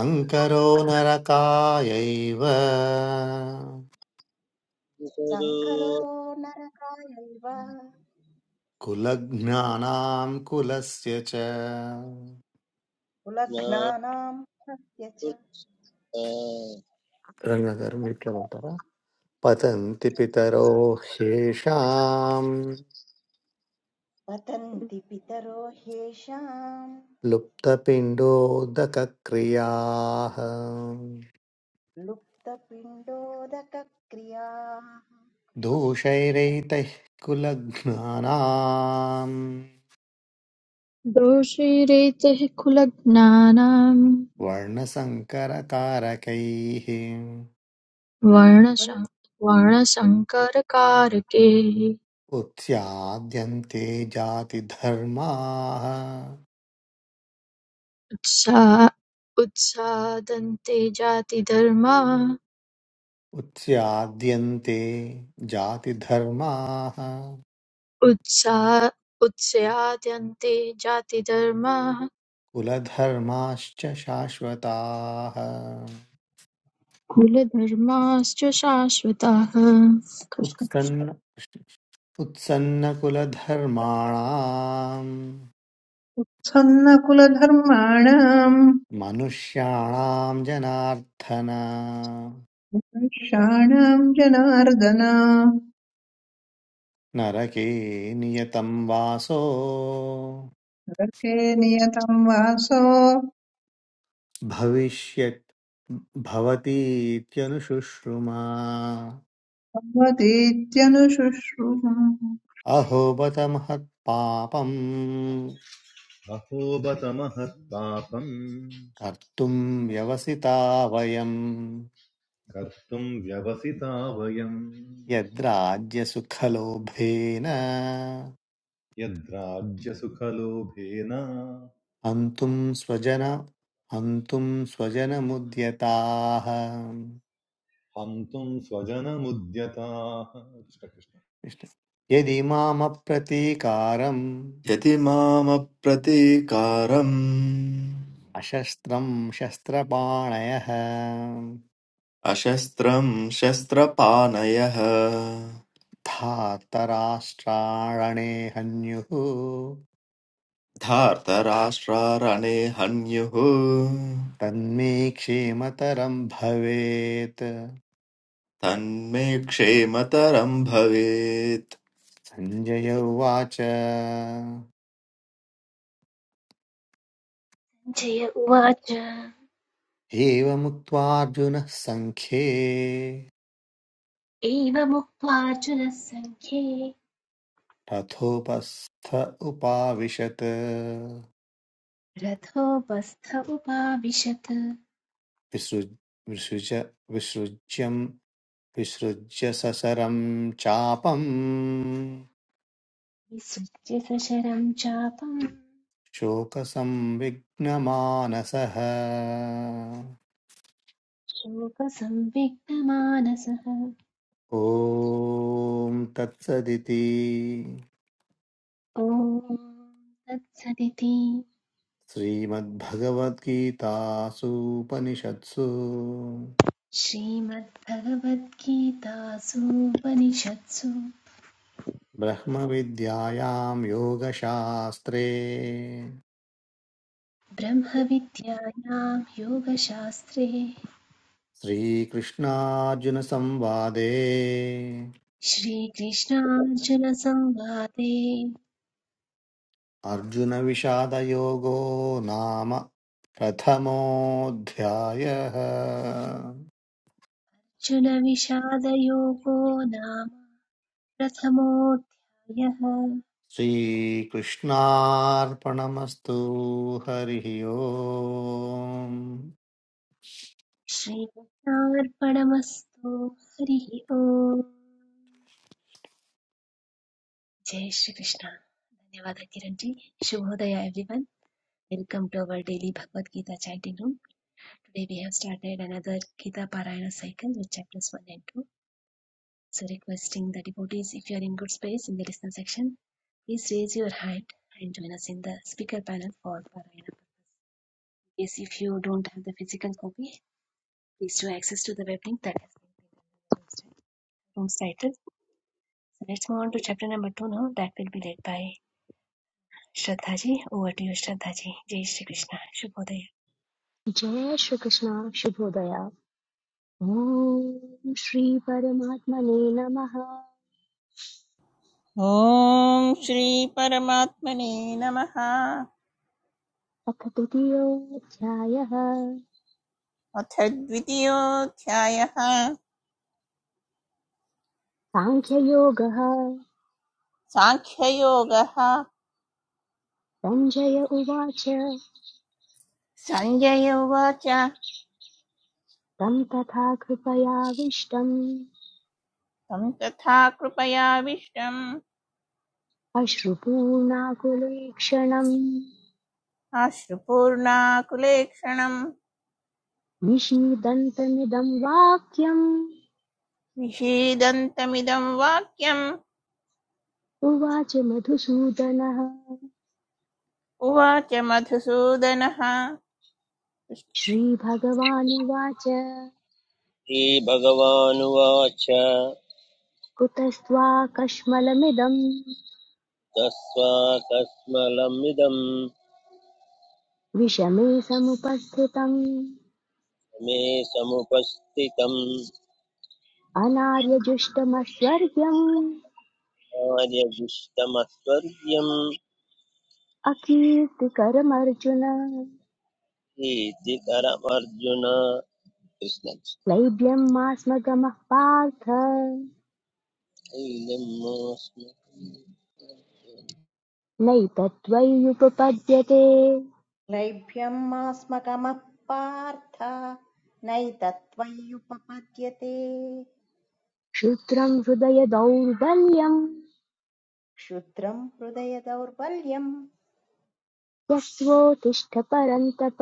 [SPEAKER 3] अङ्करो नरकायैव
[SPEAKER 6] पितरो
[SPEAKER 7] सङ्करो नरकायैव
[SPEAKER 3] कुलज्ञानाम् कुलस्य च
[SPEAKER 7] कुलघ्नानाम् हत्य च
[SPEAKER 6] ज्ञातुष्टा
[SPEAKER 3] रङ्गकर्मिकमतः पतन्ति पितरो ह्येषाम्
[SPEAKER 7] पतन्ति पितरो ह्येषाम्
[SPEAKER 3] लुप्तपिण्डोदकक्रियाः
[SPEAKER 7] लुप्तपिण्डोदकक्रियाः
[SPEAKER 3] दोषैरैतैः कुलज्ञानाम्
[SPEAKER 8] दोषीरेतेः कुलज्ञानां
[SPEAKER 3] वर्णसङ्करकारकैः
[SPEAKER 8] वर्णशं- वर्णसंकरकारके
[SPEAKER 3] उत्स्याद्यन्ते जातिधर्माः
[SPEAKER 8] उत्सा उत्सादन्ते जातिधर्मा
[SPEAKER 3] उत्स्याद्यन्ते जातिधर्माः
[SPEAKER 8] उत्सा उत्स्याद्यन्ते जातिधर्मा
[SPEAKER 3] कुलधर्माश्च शाश्वताः
[SPEAKER 8] कुलधर्माश्च शाश्वताः कृष्ण कृष्ण
[SPEAKER 3] उत्सन्न उत्सन्नकुलधर्माणाम्
[SPEAKER 9] सन्नकुलधर्माणाम्
[SPEAKER 3] मनुष्याणाम् जनार्दन
[SPEAKER 9] वैश्याणाम् जनार्दन
[SPEAKER 3] नरके नियतं वासो
[SPEAKER 9] नरके नियतं वासो
[SPEAKER 3] भविष्यत् भवतीत्यनुशुश्रुमा
[SPEAKER 9] भवतीत्यनुशुश्रुतम्
[SPEAKER 3] अहो बत महत्पापम्
[SPEAKER 10] अहो बत महत्तापम्
[SPEAKER 3] कर्तुं व्यवसिता वयं
[SPEAKER 10] कर्तुम् व्यवसिता वयम्
[SPEAKER 3] यद्राज्यसुखलोभेन
[SPEAKER 10] यद्राज्यसुखलोभेन
[SPEAKER 3] हन्तुं स्वजन हन्तुं स्वजनमुद्यताः
[SPEAKER 10] हन्तुम् स्वजनमुद्यताः
[SPEAKER 3] कृष्ण। यदिमामप्रतीकारम्
[SPEAKER 11] यदि मामप्रतीकारम्
[SPEAKER 3] अशस्त्रं शस्त्रपाणयः
[SPEAKER 11] अशस्त्रम् शस्त्रपाणयः
[SPEAKER 3] धातराष्ट्राणे हन्युः
[SPEAKER 11] धार्तराष्ट्रारणे हन्युः
[SPEAKER 3] तन्मे क्षेमतरं भवेत्
[SPEAKER 11] तन्मे क्षेमतरम् भवेत्
[SPEAKER 3] सञ्जय उवाच
[SPEAKER 1] जय उवाच
[SPEAKER 3] एवमुक्त्वा अर्जुनः सङ्ख्ये
[SPEAKER 1] एवमुक्त्वार्जुनः सङ्ख्ये
[SPEAKER 3] रथोपस्थ उपाविशत्
[SPEAKER 1] रथोपस्थ उपाविशत्
[SPEAKER 3] विसृज विसृज विसृज्यम् विसृज्य ससरम् चापम्
[SPEAKER 1] विसृज्य सशरं चापं
[SPEAKER 3] शोकसंविघ्नमानसः
[SPEAKER 1] शोकसंविग्नमानसः
[SPEAKER 3] ॐ तत्सदिति
[SPEAKER 1] ॐ तत्सदिति
[SPEAKER 3] श्रीमद्भगवद्गीतासूपनिषत्सु
[SPEAKER 1] श्रीमद्भगवद्गीतासूपनिषत्सु
[SPEAKER 3] ब्रह्मविद्यायां योगशास्त्रे
[SPEAKER 1] ब्रह्मविद्यायां योगशास्त्रे
[SPEAKER 3] श्रीकृष्णार्जुनसंवादे
[SPEAKER 1] श्रीकृष्णार्जुनसंवादे
[SPEAKER 3] अर्जुनविषादयोगो नाम प्रथमोऽध्यायः
[SPEAKER 1] अर्जुनविषादयोगो नाम प्रथमोऽध्यायः
[SPEAKER 3] श्रीकृष्णार्पणमस्तु हरिः ओम्
[SPEAKER 1] श्रीकृष्णार्पणमस्तु हरिः ओम् जय श्रीकृष्ण धन्यवाद किरण जी शुभोदय everyone welcome to our daily Bhagavad Gita chanting room. Today we have started another Gita Parayana cycle with chapters 1 and 2. So requesting the devotees if you are in good space in the listener section, please raise your hand and join us in the speaker panel for the Parayana purpose. Yes, if you don't have the physical copy, please do access to the web link that has been room's title. So let's move on to chapter number 2 now that will be led by Shraddhaji. Over to you Shraddhaji. Jai Shri Krishna. Shubhodaya.
[SPEAKER 5] जय श्रीकृष्ण शुभोदय ॐ श्रीपरमात्मने नमः
[SPEAKER 2] ॐ श्रीपरमात्मने नमः
[SPEAKER 5] अथ तृतीयोऽध्यायः
[SPEAKER 2] अथ द्वितीयोऽध्यायः
[SPEAKER 5] साङ्ख्ययोगः
[SPEAKER 2] साङ्ख्ययोगः
[SPEAKER 5] सञ्जय उवाच
[SPEAKER 2] सञ्जय उवाच तं
[SPEAKER 5] तं तथा कृपयाविष्टम्
[SPEAKER 2] तथा कृपयाविष्टम्
[SPEAKER 5] अश्रुपूर्णाकुलेक्षणम्
[SPEAKER 2] अश्रुपूर्णाकुलेक्षणम्
[SPEAKER 5] निशीदन्तमिदं वाक्यम्
[SPEAKER 2] विषीदन्तमिदं वाक्यम्
[SPEAKER 5] उवाच मधुसूदनः
[SPEAKER 2] उवाच मधुसूदनः
[SPEAKER 5] श्रीभगवानुवाच
[SPEAKER 6] श्रीभगवानुवाच
[SPEAKER 5] कुतस्त्वाकश्मलमिदं
[SPEAKER 6] तस्वाकस्मलमिदम्
[SPEAKER 5] विषमे समुपस्थितम्
[SPEAKER 6] मे समुपस्थितम्
[SPEAKER 5] अनार्यजुष्टमस्वर्ग्यम्
[SPEAKER 6] कार्यदुष्टमस्वर्ग्यम्
[SPEAKER 5] अकीर्तिकरमर्जुन
[SPEAKER 6] कीर्तिकरमर्जुन कृष्ण
[SPEAKER 5] लैभ्यं मा स्म गमः पार्थ नैतत्त्वय्युपपद्यते
[SPEAKER 7] लैभ्यमास्मकमः पार्थ नैतत्त्वय्युपपद्यते
[SPEAKER 5] क्षुद्रं हृदय दौर्बल्यम्
[SPEAKER 7] क्षुद्रम् हृदय दौर्बल्यम्
[SPEAKER 5] यस्वोतिष्ठ परन्तप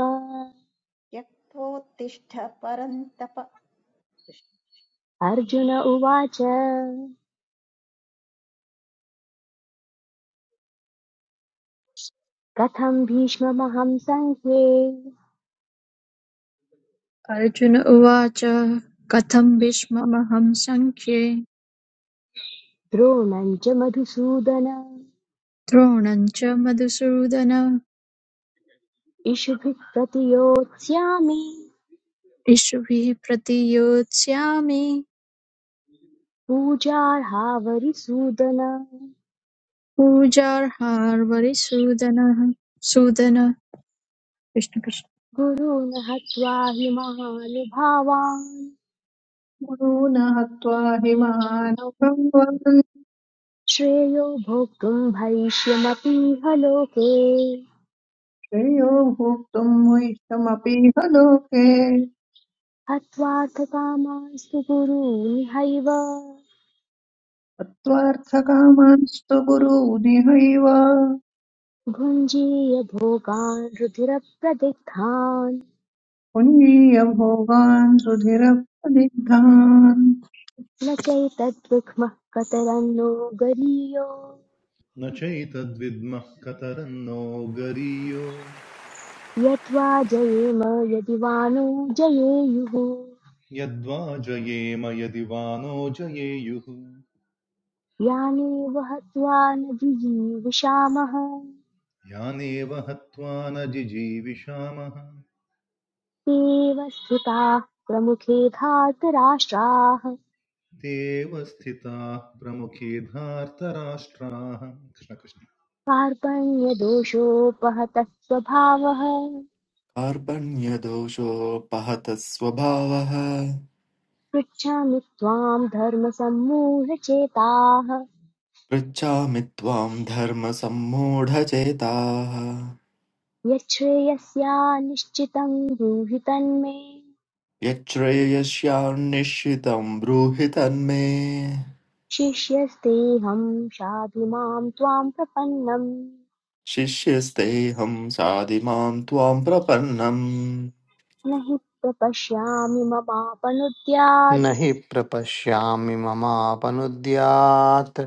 [SPEAKER 7] त्यक्त्वोत्तिष्ठ परन्तप
[SPEAKER 5] अर्जुन उवाच कथं भीष्ममहं सङ्ख्ये
[SPEAKER 8] अर्जुन उवाच कथं भीष्ममहं सङ्ख्ये
[SPEAKER 5] द्रोणं च मधुसूदन
[SPEAKER 8] द्रोणं च मधुसूदन
[SPEAKER 5] इषुभिः प्रतियोत्स्यामि
[SPEAKER 8] इष्भिः प्रतियोत्स्यामि
[SPEAKER 5] पूजार्हावरिसूदन
[SPEAKER 8] पूजार्हार्वरिसूदनः सूदन कृष्ण कृष्ण
[SPEAKER 5] गुरून् हत्वा हि महानुभावान्
[SPEAKER 9] गुरून् हत्वा हि महानुभवन्
[SPEAKER 5] श्रेयो भोक्तुम् भविष्यमपीह लोके
[SPEAKER 9] श्रेयो भोक्तुम् मुष्टमपीह लोके
[SPEAKER 5] हत्वार्थकामास्तु गुरून् हैव
[SPEAKER 9] तत्त्वार्थकामांस्तु गुरूनिहैव
[SPEAKER 5] भुञ्जीय भोगान् रुधिरप्रदिग्धान्
[SPEAKER 9] पुञ्जीय भोगान् सुधिरप्रदिग्धान्
[SPEAKER 5] न चैतद्विक्मः कतरन्नो गरीयो
[SPEAKER 10] न चैतद्विद्मः कतरन्नो गरीयो
[SPEAKER 5] यद्वा जयेम यदि वा नो जयेयुः
[SPEAKER 10] यद्वा जयेम यदि वा नो जयेयुः
[SPEAKER 5] यानेव हत्वा न जिजीविषामः
[SPEAKER 10] यानेव हत्वा न जिजीविषामः
[SPEAKER 5] तेव स्थिताः प्रमुखे धातराष्ट्राः
[SPEAKER 10] ते एव स्थिताः प्रमुखे धार्तराष्ट्राः कृष्णकृष्ण
[SPEAKER 5] कार्पण्यदोषोपहतः स्वभावः
[SPEAKER 11] कार्पण्यदोषोपहतः स्वभावः
[SPEAKER 5] पृच्छामि त्वाम् धर्मसम्मूढचेताः
[SPEAKER 11] पृच्छामि त्वां धर्मसम्मूढचेताः
[SPEAKER 5] यच्छ्रेयस्या निश्चितम् ब्रूहि तन्मे
[SPEAKER 11] यच्छ्रेयस्यान्निश्चितं ब्रूहि तन्मे
[SPEAKER 5] शिष्यस्तेऽहम् साधु माम् त्वाम् प्रपन्नम्
[SPEAKER 11] शिष्यस्तेऽहं साधिमां त्वां प्रपन्नम्
[SPEAKER 5] न हि प्रपश्यामि ममापनुद्यात्
[SPEAKER 3] न हि प्रपश्यामि ममापनुद्यात्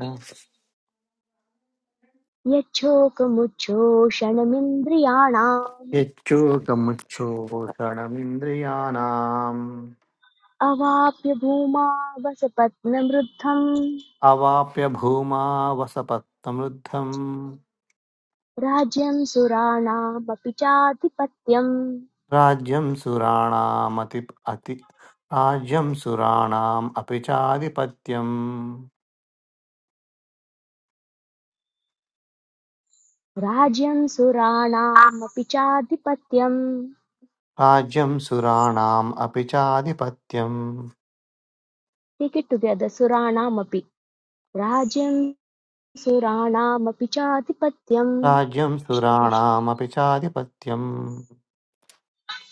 [SPEAKER 5] यच्छोकमुच्छोषणमिन्द्रियाणाम्
[SPEAKER 3] यच्चोकमुच्छोषणमिन्द्रियाणाम्
[SPEAKER 5] अवाप्य भूमा वसपत्नमृद्धम्
[SPEAKER 3] अवाप्य भूमा वसपत्तमृद्धम्
[SPEAKER 5] राज्यं सुराणामपि चाधिपत्यम्
[SPEAKER 3] राज्यं सुराणामति अति राज्यं सुराणाम् अपि चाधिपत्यम्
[SPEAKER 5] राज्यं सुराणामपि चाधिपत्यम्
[SPEAKER 3] राज्यं सुराणाम् अपि चाधिपत्यम्
[SPEAKER 5] टेक् इट् टुगेदर् सुराणामपि राज्यं सुराणामपि चाधिपत्यम्
[SPEAKER 3] राज्यं
[SPEAKER 5] कृष्ण कृष्ण
[SPEAKER 3] सुराणामपि चाधिपत्यम्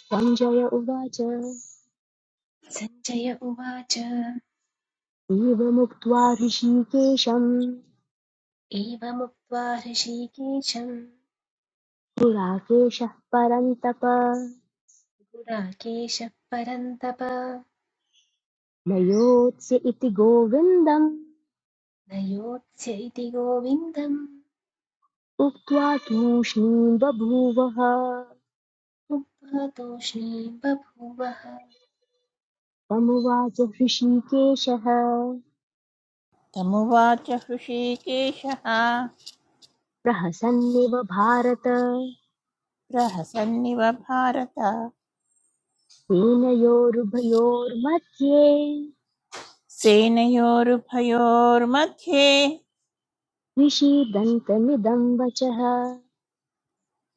[SPEAKER 5] सञ्जय उवाच
[SPEAKER 1] सञ्जय उवाच
[SPEAKER 5] एवमुक्त्वा ऋषिकेशम्
[SPEAKER 1] एवमुक्त्वा ऋषिकेशम्
[SPEAKER 5] पुराकेशः परन्तप
[SPEAKER 1] पुराकेशः परन्तप न
[SPEAKER 5] नयोत्स्य इति गोविन्दम्
[SPEAKER 1] योत्स्य इति गोविन्दम्
[SPEAKER 5] उक्त्वा तूष्णीम् बभूवः
[SPEAKER 1] मुग्धा बभूवः
[SPEAKER 5] तमुवाच हृषीकेशः
[SPEAKER 2] तमुवाच हृषीकेशः
[SPEAKER 5] प्रहसन्निव भारत
[SPEAKER 2] प्रहसन्निव भारत
[SPEAKER 5] सेनयोरुभयोर्मध्ये
[SPEAKER 2] सेनयोरुभयोर्मध्ये
[SPEAKER 5] विषीदन्तमिदम् वचः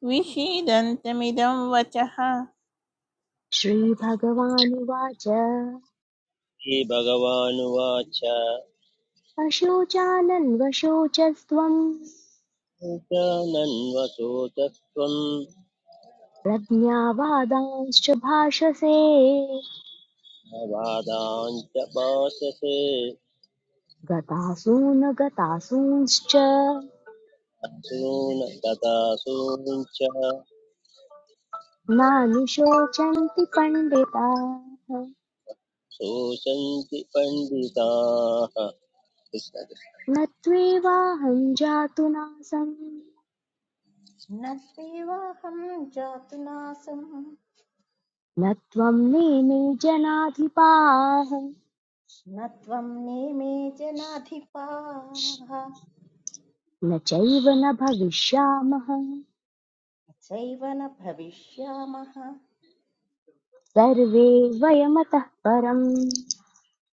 [SPEAKER 2] विषीदन्तमिदं वचः
[SPEAKER 5] श्रीभगवानुवाच
[SPEAKER 6] श्रीभगवानुवाच
[SPEAKER 5] अशोचानन्वशोचस्त्वं
[SPEAKER 6] नन्वसोच त्वम्
[SPEAKER 5] प्रज्ञावादांश्च भाषसे
[SPEAKER 6] न वादाञ्च भाषसे
[SPEAKER 5] गतासूनगतासूंश्च
[SPEAKER 6] असून तथा सूञ्च
[SPEAKER 5] नानुशोचन्ति पण्डिताः
[SPEAKER 6] शोचन्ति पण्डिताः कृष्ण कृष्ण।
[SPEAKER 5] न त्वेवाहं जातु नासं
[SPEAKER 7] न त्वेवाहम् जातुनासम्
[SPEAKER 5] न त्वं मेने जनाधिपाः
[SPEAKER 7] न त्वम् नेमे जनाधिपाः
[SPEAKER 5] न चैव न भविष्यामः
[SPEAKER 7] सैव न भविष्यामः
[SPEAKER 5] सर्वे वयमतः परम्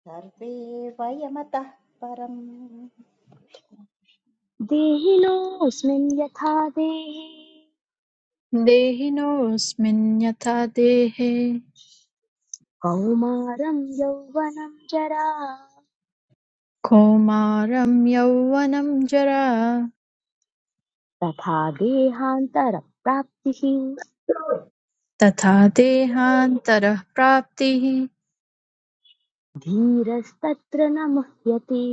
[SPEAKER 7] सर्वे वयमतः परम्
[SPEAKER 5] देहिनोऽस्मिन् यथा देहे
[SPEAKER 8] देहिनोऽस्मिन् यथा देहे
[SPEAKER 5] कौमारं यौवनं जरा
[SPEAKER 8] कौमारं यौवनं जरा
[SPEAKER 5] तथा देहान्तरप्राप्तिः
[SPEAKER 8] तथा देहान्तरः प्राप्तिः
[SPEAKER 5] धीरस्तत्र न मुह्यति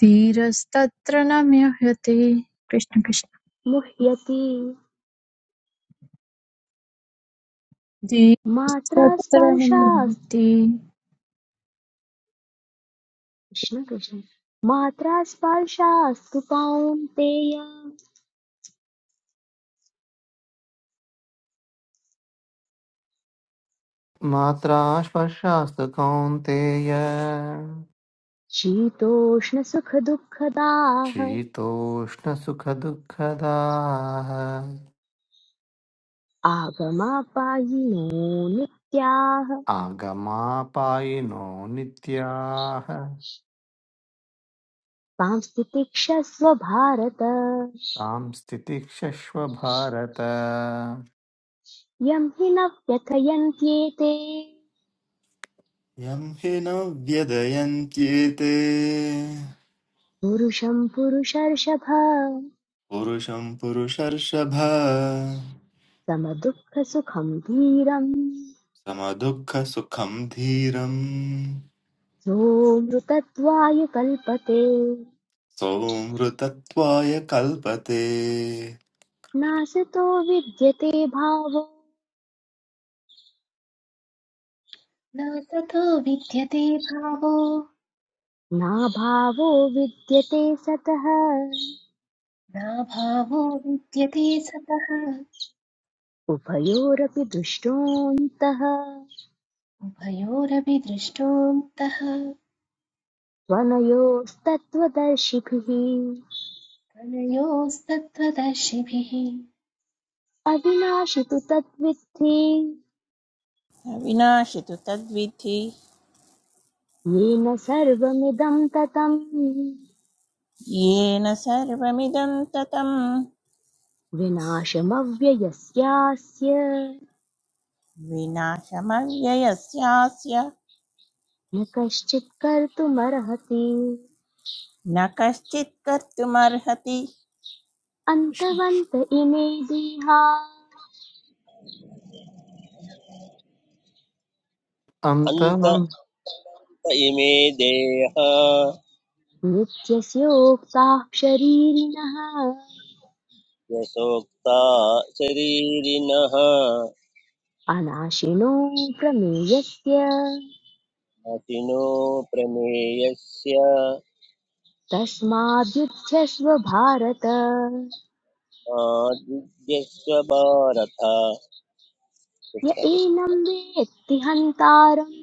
[SPEAKER 8] धीरस्तत्र न म्रियते कृष्ण कृष्ण
[SPEAKER 5] मुह्यति मात्रा
[SPEAKER 8] जीवस्तत्र
[SPEAKER 5] स्पर्शास्
[SPEAKER 8] निवर्ति
[SPEAKER 5] कृष्ण कृष्ण मात्रा स्पर्शास्तु कौन्तेय
[SPEAKER 3] मात्रा स्पर्शास्तु कौन्तेय
[SPEAKER 5] शीतोष्णसुखदुःखदाः
[SPEAKER 3] शीतोष्णसुखदुःखदाः
[SPEAKER 5] आगमापायिनो नित्याः
[SPEAKER 3] आगमापायिनो नित्याः
[SPEAKER 5] सांस्थितिक्षस्व भारत
[SPEAKER 3] तां स्थितिक्षस्व भारत
[SPEAKER 5] यं हि न व्यथयन्त्येते
[SPEAKER 11] यं हि न व्यदयन्त्येते
[SPEAKER 5] पुरुषं पुरुषर्षभ
[SPEAKER 11] पुरुषं पुरुषर्षभ
[SPEAKER 5] समदुःखसुखं धीरम्
[SPEAKER 11] समदुःखसुखं धीरम्
[SPEAKER 5] सोऽमृतत्वाय कल्पते
[SPEAKER 11] सोऽमृतत्वाय कल्पते
[SPEAKER 5] नासतो विद्यते भावो
[SPEAKER 1] न ततो विद्यते भावो
[SPEAKER 5] नाभावो विद्यते सतः
[SPEAKER 1] नाभावो विद्यते सतः
[SPEAKER 5] उभयोरपि दृष्टोऽन्तः
[SPEAKER 1] उभयोरपि दृष्टोऽन्तः
[SPEAKER 5] त्वनयोस्तत्त्वदर्शिभिः
[SPEAKER 1] तनयोस्तत्त्वदर्शिभिः
[SPEAKER 5] अविनाशि तु तद्विद्धि
[SPEAKER 2] विनाशितु तद्विधि
[SPEAKER 5] येन सर्वमिदं ततम्
[SPEAKER 2] येन सर्वमिदं ततं
[SPEAKER 5] विनाशमव्ययस्यास्य
[SPEAKER 2] विनाशमव्ययस्यास्य
[SPEAKER 5] न कश्चित् कर्तुमर्हति
[SPEAKER 2] न कश्चित् कर्तुमर्हति कृष्ण कृष्ण।
[SPEAKER 5] अन्तवन्त इमे देहा
[SPEAKER 6] अन्त
[SPEAKER 3] अन्तमं
[SPEAKER 6] अन्त इमे देह
[SPEAKER 5] नित्यस्योक्ताः उक्ताः शरीरिणः
[SPEAKER 6] यशोक्ता शरीरिणः
[SPEAKER 5] अनाशिनो प्रमेयस्य
[SPEAKER 6] मतिनो प्रमेयस्य
[SPEAKER 5] तस्माद्युध्यस्व भारत
[SPEAKER 6] मादिद्यस्व भारत
[SPEAKER 5] य एनं वेत्ति हन्तारम्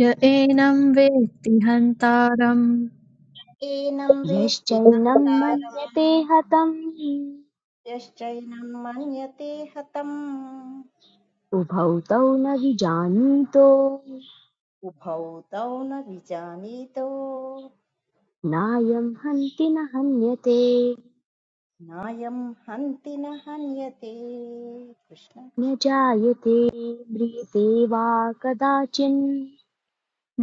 [SPEAKER 8] य एनं वेत्ति हन्तारम्
[SPEAKER 7] एनं वेत्ति
[SPEAKER 5] यश्चैनं मन्यते
[SPEAKER 7] हन्तम्
[SPEAKER 5] हतम्
[SPEAKER 7] यश्चैनं मन्यते हतम्
[SPEAKER 5] उभौ तौ न विजानीतो
[SPEAKER 7] उभौ तौ न विजानीतो
[SPEAKER 5] नायं हन्ति न हन्यते
[SPEAKER 7] नायं हन्ति न हन्यते कृष्ण
[SPEAKER 5] न
[SPEAKER 7] कृष्ण
[SPEAKER 5] जायते म्रियते वा कदाचिन्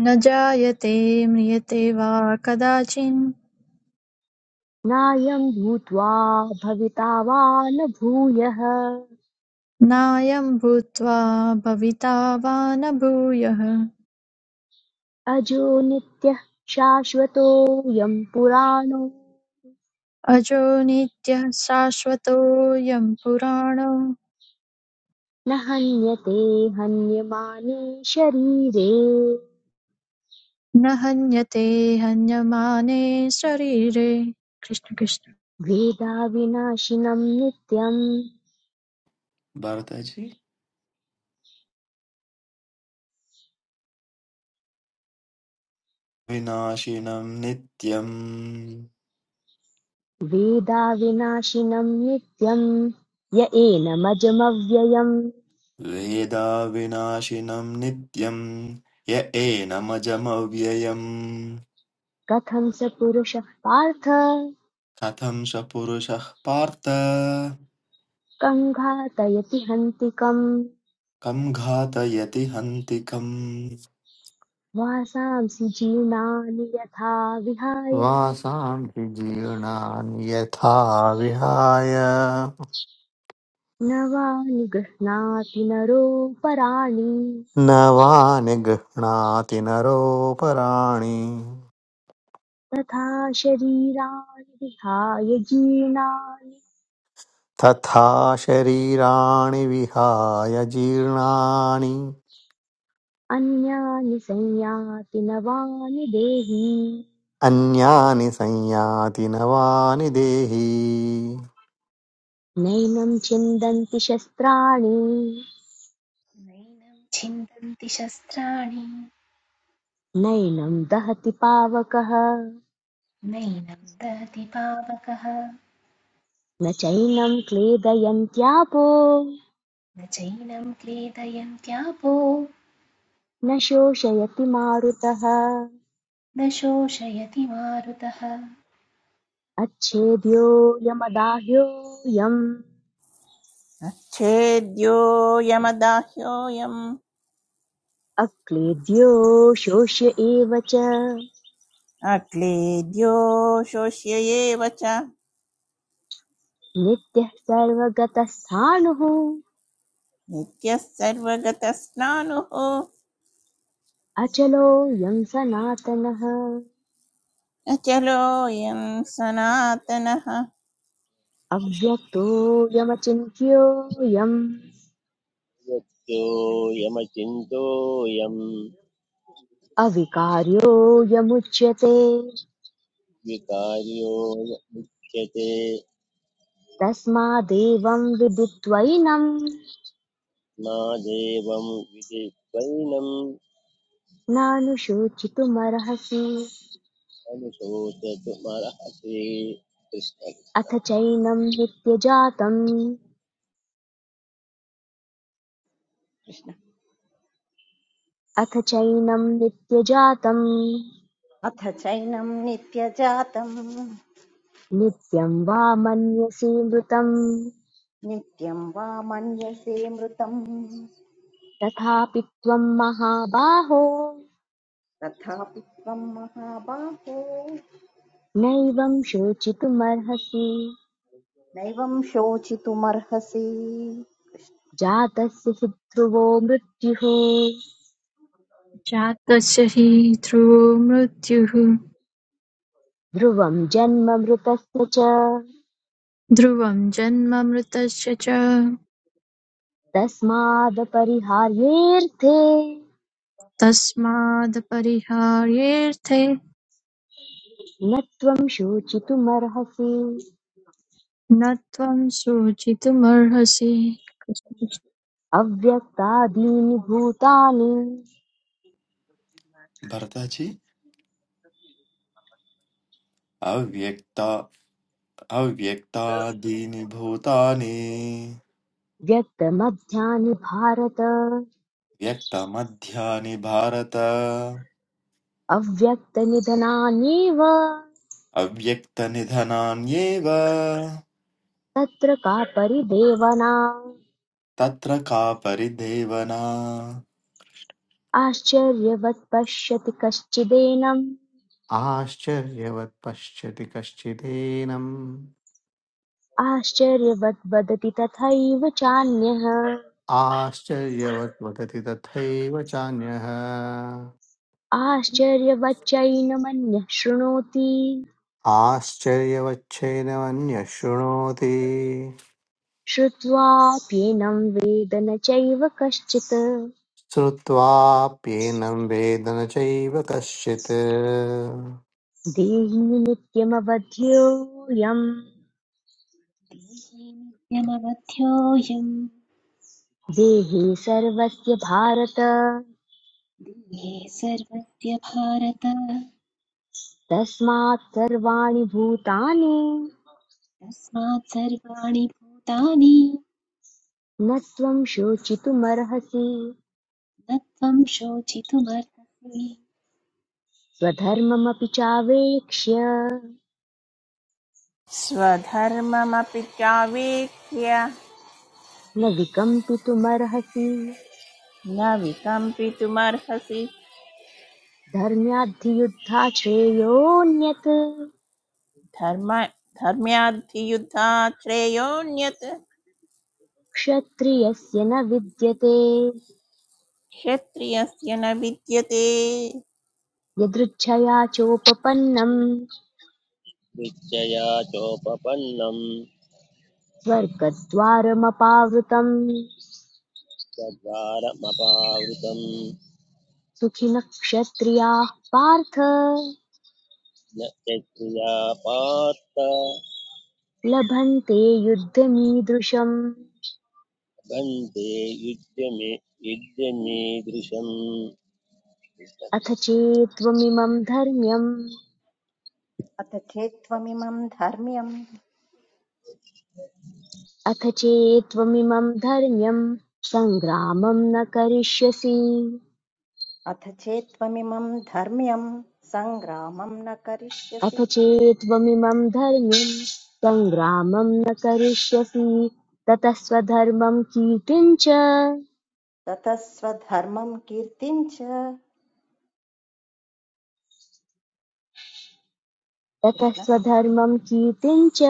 [SPEAKER 8] न जायते म्रियते वा कदाचिन्
[SPEAKER 5] नायं भूत्वा भविता वा न भूयः
[SPEAKER 8] नायं भूत्वा भविता वा न भूयः
[SPEAKER 5] अजो नित्यः शाश्वतोऽयं पुराणो
[SPEAKER 8] अजो नित्यः शाश्वतोऽयं पुराणो
[SPEAKER 5] न हन्यते हन्यमाने शरीरे
[SPEAKER 8] न हन्यते हन्यमाने शरीरे कृष्ण कृष्ण
[SPEAKER 5] वेदाविनाशिनं नित्यं
[SPEAKER 11] भरतजि विनाशिनं नित्यम्
[SPEAKER 5] वेदाविनाशिनं नित्यं य एनमजमव्ययम्
[SPEAKER 11] वेदा विनाशिनं नित्यम् य एनमजमव्ययम्
[SPEAKER 5] कथं स पुरुषः पार्थ
[SPEAKER 11] कथं स पुरुषः पार्थ
[SPEAKER 5] कङ्घातयति हन्तिकम्
[SPEAKER 11] कं घातयति हन्तिकम्
[SPEAKER 5] वासांसि जीर्णानि यथा विहाय
[SPEAKER 3] वासांसि जीर्णानि यथा विहाय
[SPEAKER 5] नवानि गृह्णाति नरो पराणि
[SPEAKER 3] नवानि गृह्णाति नरोपराणि
[SPEAKER 5] तथा शरीराणि विहाय जीर्णानि
[SPEAKER 3] तथा शरीराणि विहाय जीर्णानि
[SPEAKER 5] अन्यानि संयाति नवानि देहि
[SPEAKER 3] अन्यानि संयाति नवानि देहि
[SPEAKER 5] नैनं छिन्दन्ति शस्त्राणि
[SPEAKER 1] नैनं छिन्दन्ति शस्त्राणि
[SPEAKER 5] नैनं दहति पावकः
[SPEAKER 1] नैनं दहति पावकः
[SPEAKER 5] न चैनं क्लेदयन्त्यापो
[SPEAKER 1] न चैनं क्रेदयन्त्यापो
[SPEAKER 5] न शोषयति मारुतः
[SPEAKER 1] न शोषयति मारुतः
[SPEAKER 5] अच्छेद्योऽयमदाह्योऽयम्
[SPEAKER 2] अच्छेद्योऽयमदाह्योऽयम्
[SPEAKER 5] अक्लेद्यो शोष्य एव च
[SPEAKER 2] अक्लेद्यो शोष्य एव च
[SPEAKER 5] नित्यः सर्वगतः सानुः
[SPEAKER 2] नित्यः सर्वगतस्नानुः
[SPEAKER 5] अचलोऽयं सनातनः
[SPEAKER 2] न चलोऽयं सनातनः
[SPEAKER 5] अव्यक्तोऽयमचिन्त्योऽयम्
[SPEAKER 6] यमचिन्तोऽयं
[SPEAKER 5] अविकार्योऽयमुच्यते
[SPEAKER 6] विकार्यो य मुच्यते
[SPEAKER 5] तस्मादेवं विदित्वैनं
[SPEAKER 6] मा देवं विधित्वैनं
[SPEAKER 5] नानुशोचितुमर्हसि
[SPEAKER 6] अनुशोचतु मर्हसि कृष्ण
[SPEAKER 5] अथ चैनं नित्यजातम्
[SPEAKER 7] कृष्ण
[SPEAKER 5] अथ चैनं नित्यजातं
[SPEAKER 7] अथ चैनं नित्यजातं
[SPEAKER 5] नित्यं वा मन्यसे मृतम्
[SPEAKER 7] नित्यं वा मन्यसे मृतम्
[SPEAKER 5] तथापि त्वं महाबाहो
[SPEAKER 7] तथापि त्वं महाबाहो
[SPEAKER 5] नैवं शोचितुमर्हसि
[SPEAKER 7] नैवं शोचितुमर्हसि
[SPEAKER 5] जातस्य हि ध्रुवो मृत्युः
[SPEAKER 8] जातस्य हि ध्रुवो मृत्युः
[SPEAKER 5] ध्रुवं जन्म मृतस्य च
[SPEAKER 8] ध्रुवं जन्म मृतस्य च
[SPEAKER 5] तस्मादपरिहार्येऽर्थे
[SPEAKER 8] तस्मादपरिहार्येऽर्थे
[SPEAKER 5] न त्वं शोचितुमर्हसि
[SPEAKER 8] न त्वं शोचितुमर्हसि
[SPEAKER 5] अव्यक्तादीनि भूतानि
[SPEAKER 11] भरतजि अव्यक्ता अव्यक्तादीनि भूतानि
[SPEAKER 5] व्यक्तमध्यानि भारत
[SPEAKER 11] व्यक्तमध्यानि भारत
[SPEAKER 5] अव्यक्तनिधनानीव
[SPEAKER 11] अव्यक्तनिधनान्येव
[SPEAKER 5] तत्र का परिदेवना
[SPEAKER 11] तत्र का परिदेवना
[SPEAKER 5] आश्चर्यवत् पश्यति कश्चिदेनम्
[SPEAKER 3] आश्चर्यवत् पश्यति कश्चिदेनम्
[SPEAKER 5] आश्चर्यवत् वदति तथैव चान्यः
[SPEAKER 3] आश्चर्यवत् वदति तथैव चान्यः
[SPEAKER 5] आश्चर्यवच्चैनमन्यः शृणोति
[SPEAKER 3] आश्चर्यवच्छेनमन्यः शृणोति
[SPEAKER 5] श्रुत्वाप्येनं वेद न चैव कश्चित्
[SPEAKER 3] श्रुत्वाप्येनं वेद न चैव कश्चित्
[SPEAKER 5] देही नित्यमवध्योऽयम्
[SPEAKER 1] देहे नित्यमवध्योऽयम्
[SPEAKER 5] देहे सर्वस्य भारत
[SPEAKER 1] देहे सर्वस्य भारत
[SPEAKER 5] तस्मात् सर्वाणि भूतानि
[SPEAKER 1] तस्मात् सर्वाणि भूतानि
[SPEAKER 5] न त्वं शोचितुमर्हसि
[SPEAKER 1] न त्वं शोचितुमर्हसि
[SPEAKER 5] स्वधर्ममपि चावेक्ष्य
[SPEAKER 2] स्वधर्ममपि चावीक्ष्य
[SPEAKER 5] न विकम्पितुमर्हसि
[SPEAKER 2] न विकम्पितुमर्हसि
[SPEAKER 5] धर्म्याद्धियुद्धाश्रेयोऽन्यत्
[SPEAKER 2] धर्म धर्म्याद्धियुद्धा श्रेयोऽन्यत्
[SPEAKER 5] क्षत्रियस्य न विद्यते
[SPEAKER 2] क्षत्रियस्य न विद्यते
[SPEAKER 5] यदृच्छया चोपपन्नम्
[SPEAKER 6] निश्चया चोपपन्नं
[SPEAKER 5] स्वर्गद्वारमपावृतम्
[SPEAKER 6] चद्वारमपावृतं
[SPEAKER 5] सुखिनः क्षत्रियाः पार्थ
[SPEAKER 6] न चक्रिया पार्थ
[SPEAKER 5] लभन्ते युद्धमीदृशम्
[SPEAKER 6] भन्ते युज्यमे
[SPEAKER 5] अथ चेत्त्वमिमम् धर्म्यम्
[SPEAKER 7] अथ चेत्त्वमिमं धर्म्यम्
[SPEAKER 5] अथ चेत्त्वमिमं धर्म्यं सङ्ग्रामं न करिष्यसि
[SPEAKER 7] अथ चेत्त्वमिमं धर्म्यं सङ्ग्रामं न करिष्यसि
[SPEAKER 5] अथ चेत्त्वमिमं धर्म्यं सङ्ग्रामं न करिष्यसि ततः स्वधर्मं कीर्तिं च
[SPEAKER 7] ततः स्वधर्मं कीर्तिं च
[SPEAKER 5] ततः
[SPEAKER 7] कृष्ण
[SPEAKER 5] स्वधर्मं कीर्तिं च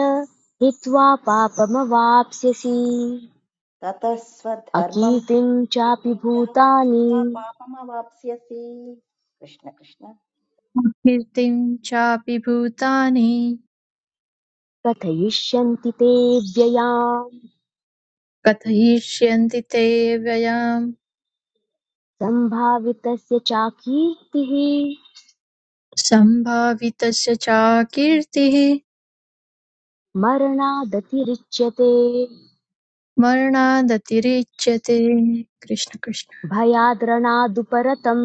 [SPEAKER 5] हित्वा पापमवाप्स्यसि
[SPEAKER 7] ततः स्वधर्मं
[SPEAKER 5] अकीर्तिं चापि
[SPEAKER 7] कीर्तिं च
[SPEAKER 5] भूतानि
[SPEAKER 7] हित्वा पापमवाप्स्यसि कृष्ण कृष्ण
[SPEAKER 8] कृष्णकीर्तिं चापि भूतानि
[SPEAKER 5] कथयिष्यन्ति ते व्ययाम्
[SPEAKER 8] कथयिष्यन्ति ते व्ययाम्
[SPEAKER 5] सम्भावितस्य चाकीर्तिः
[SPEAKER 8] सम्भावितस्य च कीर्तिः
[SPEAKER 5] मरणादतिरिच्यते
[SPEAKER 8] मरणादतिरिच्यते कृष्ण कृष्ण
[SPEAKER 5] भयाद्रणादुपरतम्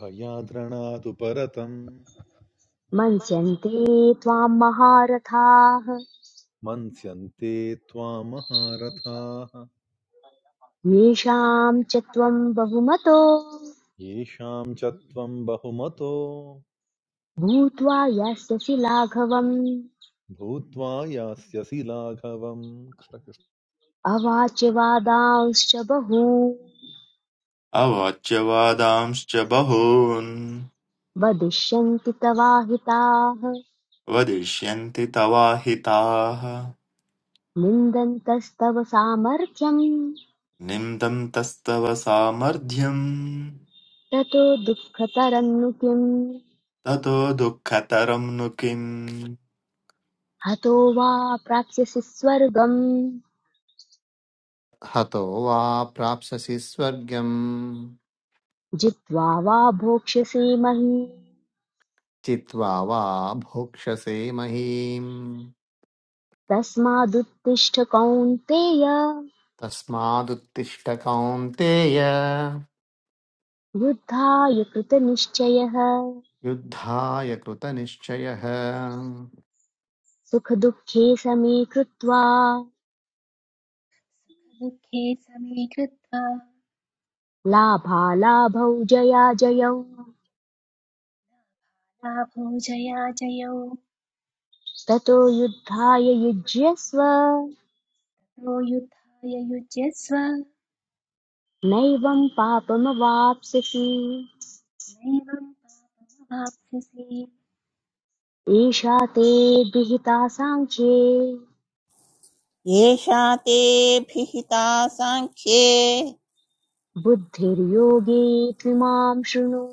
[SPEAKER 10] भयाद्रणादु परतम्
[SPEAKER 5] मन्स्यन्ते त्वां महारथाः
[SPEAKER 10] मन्स्यन्ते त्वाम् महारथाः
[SPEAKER 5] येषां च त्वं बहुमतो
[SPEAKER 10] येषाम् च त्वम् बहुमतो
[SPEAKER 5] भूत्वा यास्यसि लाघवम्
[SPEAKER 10] भूत्वा यास्यसि लाघवम् कृष्णकृष्ण
[SPEAKER 5] अवाच्य वादांश्च बहू
[SPEAKER 11] अवाच्यवादांश्च बहून्
[SPEAKER 5] वदिष्यन्ति तवाहिताः
[SPEAKER 11] वदिष्यन्ति तवाहिताः
[SPEAKER 5] निन्दन्तस्तव सामर्थ्यम्
[SPEAKER 11] निन्दन्तस्तव सामर्थ्यम्
[SPEAKER 5] ततो दुःखतरन्नु किम्
[SPEAKER 11] ततो दुःखतरं नु किम्
[SPEAKER 5] हतो वा प्राप्स्यसि स्वर्गम्
[SPEAKER 3] हतो वा प्राप्स्यसि स्वर्गम्
[SPEAKER 5] जित्वा वा भोक्ष्यसे महीम्
[SPEAKER 3] चित्वा वा भोक्ष्यसे महीम्
[SPEAKER 5] तस्मादुत्तिष्ठ कौन्तेय
[SPEAKER 3] तस्मादुत्तिष्ठ कौन्तेय
[SPEAKER 5] युद्धाय कृतनिश्चयः
[SPEAKER 3] युद्धाय कृतनिश्चयः
[SPEAKER 5] सुखदुःखे समे कृत्वा
[SPEAKER 1] दुःखे समे कृत्वा
[SPEAKER 5] लाभालाभौ जयाजयौ
[SPEAKER 1] लाभो जया जयौ
[SPEAKER 5] ततो युद्धाय युज्यस्व
[SPEAKER 1] ततो युद्धाय युज्यस्व
[SPEAKER 5] नैवं पापमवाप्स्यसि
[SPEAKER 1] नैवं पापमवाप्स्यसि
[SPEAKER 5] एषा ते गृहीता साङ्ख्ये
[SPEAKER 2] एषा ते भिहिता साङ्ख्ये
[SPEAKER 5] बुद्धिर्योगे त्विमां शृणु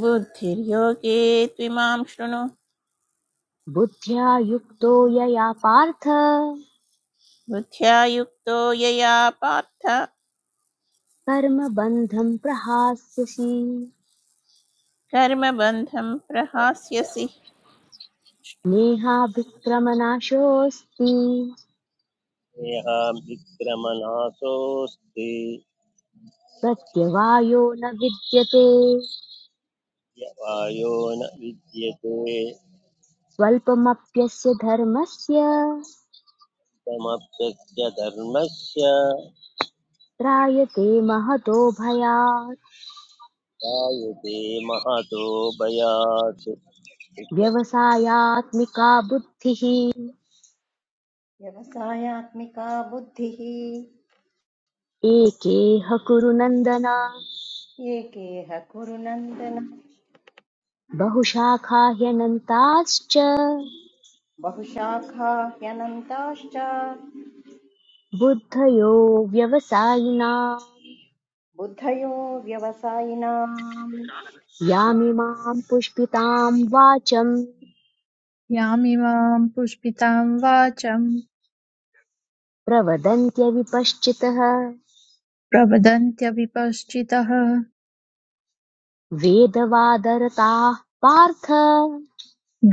[SPEAKER 2] बुद्धिर्योगे त्विमां शृणु
[SPEAKER 5] बुद्ध्या युक्तो यया पार्थ
[SPEAKER 2] बुद्ध्या युक्तो यया पार्थ
[SPEAKER 5] कर्मबन्धं प्रहास्यसि
[SPEAKER 2] कर्मबन्धं प्रहास्यसि
[SPEAKER 5] नेहाभिक्रमनाशोऽस्ति प्रत्यवायो न विद्यते
[SPEAKER 6] यवायो न विद्यते
[SPEAKER 5] स्वल्पमप्यस्य धर्मस्य
[SPEAKER 6] समप्यस्य धर्मस्य
[SPEAKER 5] त्रायते महतो भयात्
[SPEAKER 6] जायते महतो भयात्
[SPEAKER 5] व्यवसायात्मिका बुद्धिः
[SPEAKER 7] व्यवसायात्मिका बुद्धिः
[SPEAKER 5] एकेह कुरु नन्दन
[SPEAKER 7] एकेह कुरु नन्दन
[SPEAKER 5] बहुशाखा ह्यनन्ताश्च
[SPEAKER 7] बहुशाखा ह्यनन्ताश्च
[SPEAKER 5] बुद्धयो व्यवसायिना
[SPEAKER 7] बुद्धयो व्यवसायिनाम् कृष्ण
[SPEAKER 5] यामिमां पुष्पितां वाचम्
[SPEAKER 8] यामिमां पुष्पितां वाचं
[SPEAKER 5] प्रवदन्त्यविपश्चितः
[SPEAKER 8] प्रवदन्त्यविपश्चितः
[SPEAKER 5] वेदवादरताः पार्थ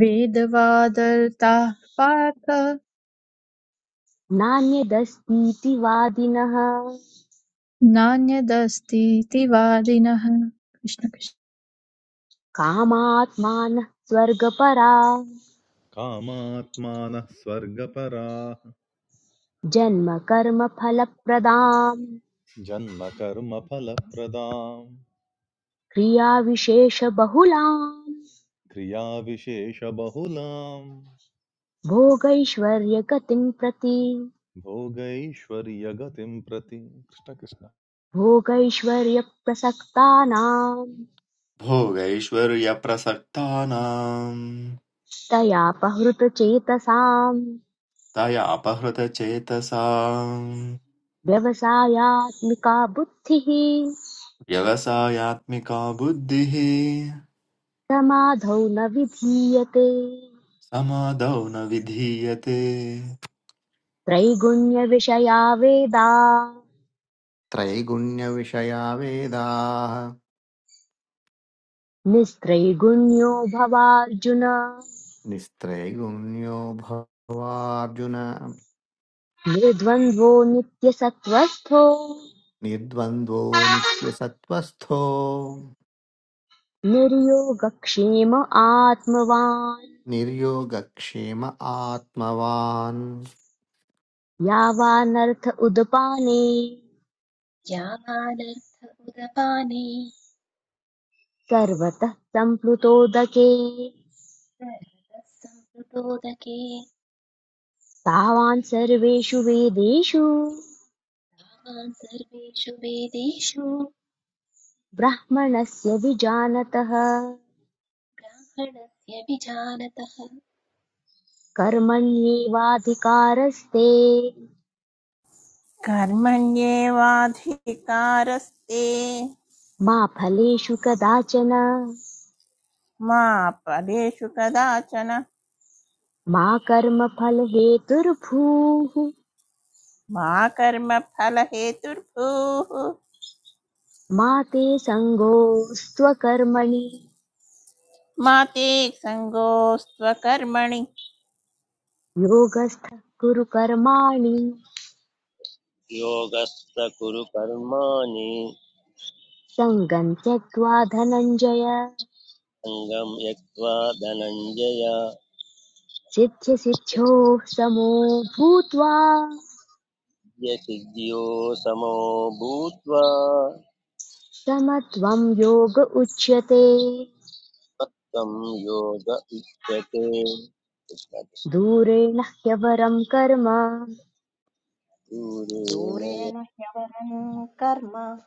[SPEAKER 8] वेदवादर्ताः पार्थ
[SPEAKER 5] नान्यदस्तीति वादिनः
[SPEAKER 8] नान्यदस्तीतिवादिनः कृष्ण कृष्ण
[SPEAKER 5] कामात्मानः स्वर्गपरा
[SPEAKER 10] कामात्मानः स्वर्गपराः
[SPEAKER 5] जन्मकर्मफलप्रदाम्
[SPEAKER 10] जन्मकर्मफलप्रदाम्
[SPEAKER 5] क्रियाविशेषबहुलाम्
[SPEAKER 10] धिया विशेषबहुलाम्
[SPEAKER 5] भोगैश्वर्यगतिं प्रति
[SPEAKER 10] भोगैश्वर्यगतिं प्रति कृष्ण कृष्ण
[SPEAKER 5] भोगैश्वर्यप्रसक्तानां
[SPEAKER 11] भोगैश्वर्यप्रसक्तानाम्
[SPEAKER 5] तयापहृतचेतसाम्
[SPEAKER 11] तयापहृतचेतसाम्
[SPEAKER 5] व्यवसायात्मिका बुद्धिः
[SPEAKER 11] व्यवसायात्मिका बुद्धिः
[SPEAKER 5] समाधौ न विधीयते
[SPEAKER 11] समादौ न विधीयते
[SPEAKER 5] त्रैगुण्यविषया वेदा
[SPEAKER 3] त्रैगुण्यविषया वेदाः
[SPEAKER 5] निस्त्रैगुण्यो भवार्जुन
[SPEAKER 3] निस्त्रैगुण्यो भवार्जुन
[SPEAKER 5] निर्द्वन्द्वो नित्यसत्त्वस्थो
[SPEAKER 3] निर्द्वन्द्वो नित्यसत्त्वस्थो
[SPEAKER 5] निर्योगक्षेम आत्मवान्
[SPEAKER 3] निर्योगक्षेम आत्मवान्
[SPEAKER 5] यावानर्थ उदपाने
[SPEAKER 1] यामानर्थ उदपाने
[SPEAKER 5] सर्वतः सम्प्लुतोदके
[SPEAKER 1] सर्वतः सम्प्लुतोदके
[SPEAKER 5] तावान् सर्वेषु वेदेषु
[SPEAKER 1] तान् सर्वेषु वेदेषु
[SPEAKER 5] ब्राह्मणस्य विजानतः
[SPEAKER 1] ब्राह्मणस्य विजानतः
[SPEAKER 5] कर्मण्येवाधिकारस्ते
[SPEAKER 2] कर्मण्येवाधिकारस्ते
[SPEAKER 5] मा फलेषु कदाचन
[SPEAKER 2] मा फलेषु कदाचन
[SPEAKER 5] मा कर्मफलहेतुर्भूः
[SPEAKER 2] मा कर्मफलहेतुर्भूः
[SPEAKER 5] मा ते सङ्गोऽस्त्वकर्मणि
[SPEAKER 2] मा ते सङ्गोऽस्त्वकर्मणि
[SPEAKER 5] योगस्थः कुरु कर्माणि
[SPEAKER 6] योगस्थ कुरु कर्माणि
[SPEAKER 5] सङ्गम् त्यक्त्वा धनञ्जय
[SPEAKER 6] सङ्गं यक्त्वा धनञ्जय
[SPEAKER 5] सिद्ध्यसिद्ध्योः समो भूत्वा
[SPEAKER 6] सिद्धियो समो भूत्वा
[SPEAKER 5] समत्वं योग उच्यते
[SPEAKER 6] त्वं योग उच्यते
[SPEAKER 5] दूरेण ह्यवरं कर्म
[SPEAKER 6] दूरेण
[SPEAKER 7] दूरेण ह्यवरम् कर्म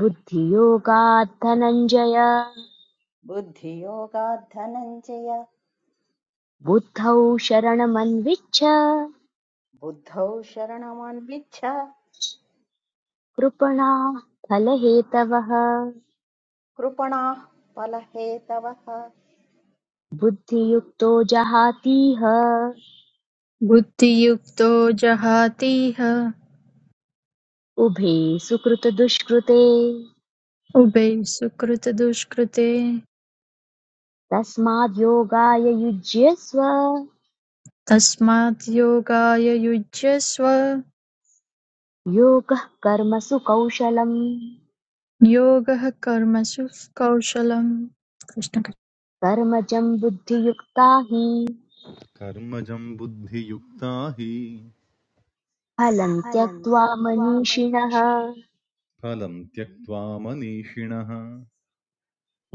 [SPEAKER 5] बुद्धियोगात् धनञ्जय
[SPEAKER 7] बुद्धियोगात् धनञ्जय
[SPEAKER 5] बुद्धौ शरणमन्विच्छ
[SPEAKER 7] बुद्धौ शरणमन्विच्छ
[SPEAKER 5] कृपणा फलहेतवः
[SPEAKER 7] कृपणाः फलहेतवः
[SPEAKER 5] बुद्धियुक्तो जहातीह
[SPEAKER 8] बुद्धियुक्तो जहातीह
[SPEAKER 5] उभे सुकृतदुष्कृते
[SPEAKER 8] उभे सुकृतदुष्कृते
[SPEAKER 5] तस्माद्योगाय युज्यस्व
[SPEAKER 8] तस्मात् योगाय युज्यस्व
[SPEAKER 5] योगः कर्मसु कौशलम्
[SPEAKER 8] योगः कर्मसु कौशलम् कृष्ण कृष्ण।
[SPEAKER 5] कर्मजम् बुद्धियुक्ता हि
[SPEAKER 10] कर्मजं बुद्धियुक्ता हि
[SPEAKER 5] फलम् त्यक्त्वा मनीषिणः
[SPEAKER 10] फलं त्यक्त्वा मनीषिणः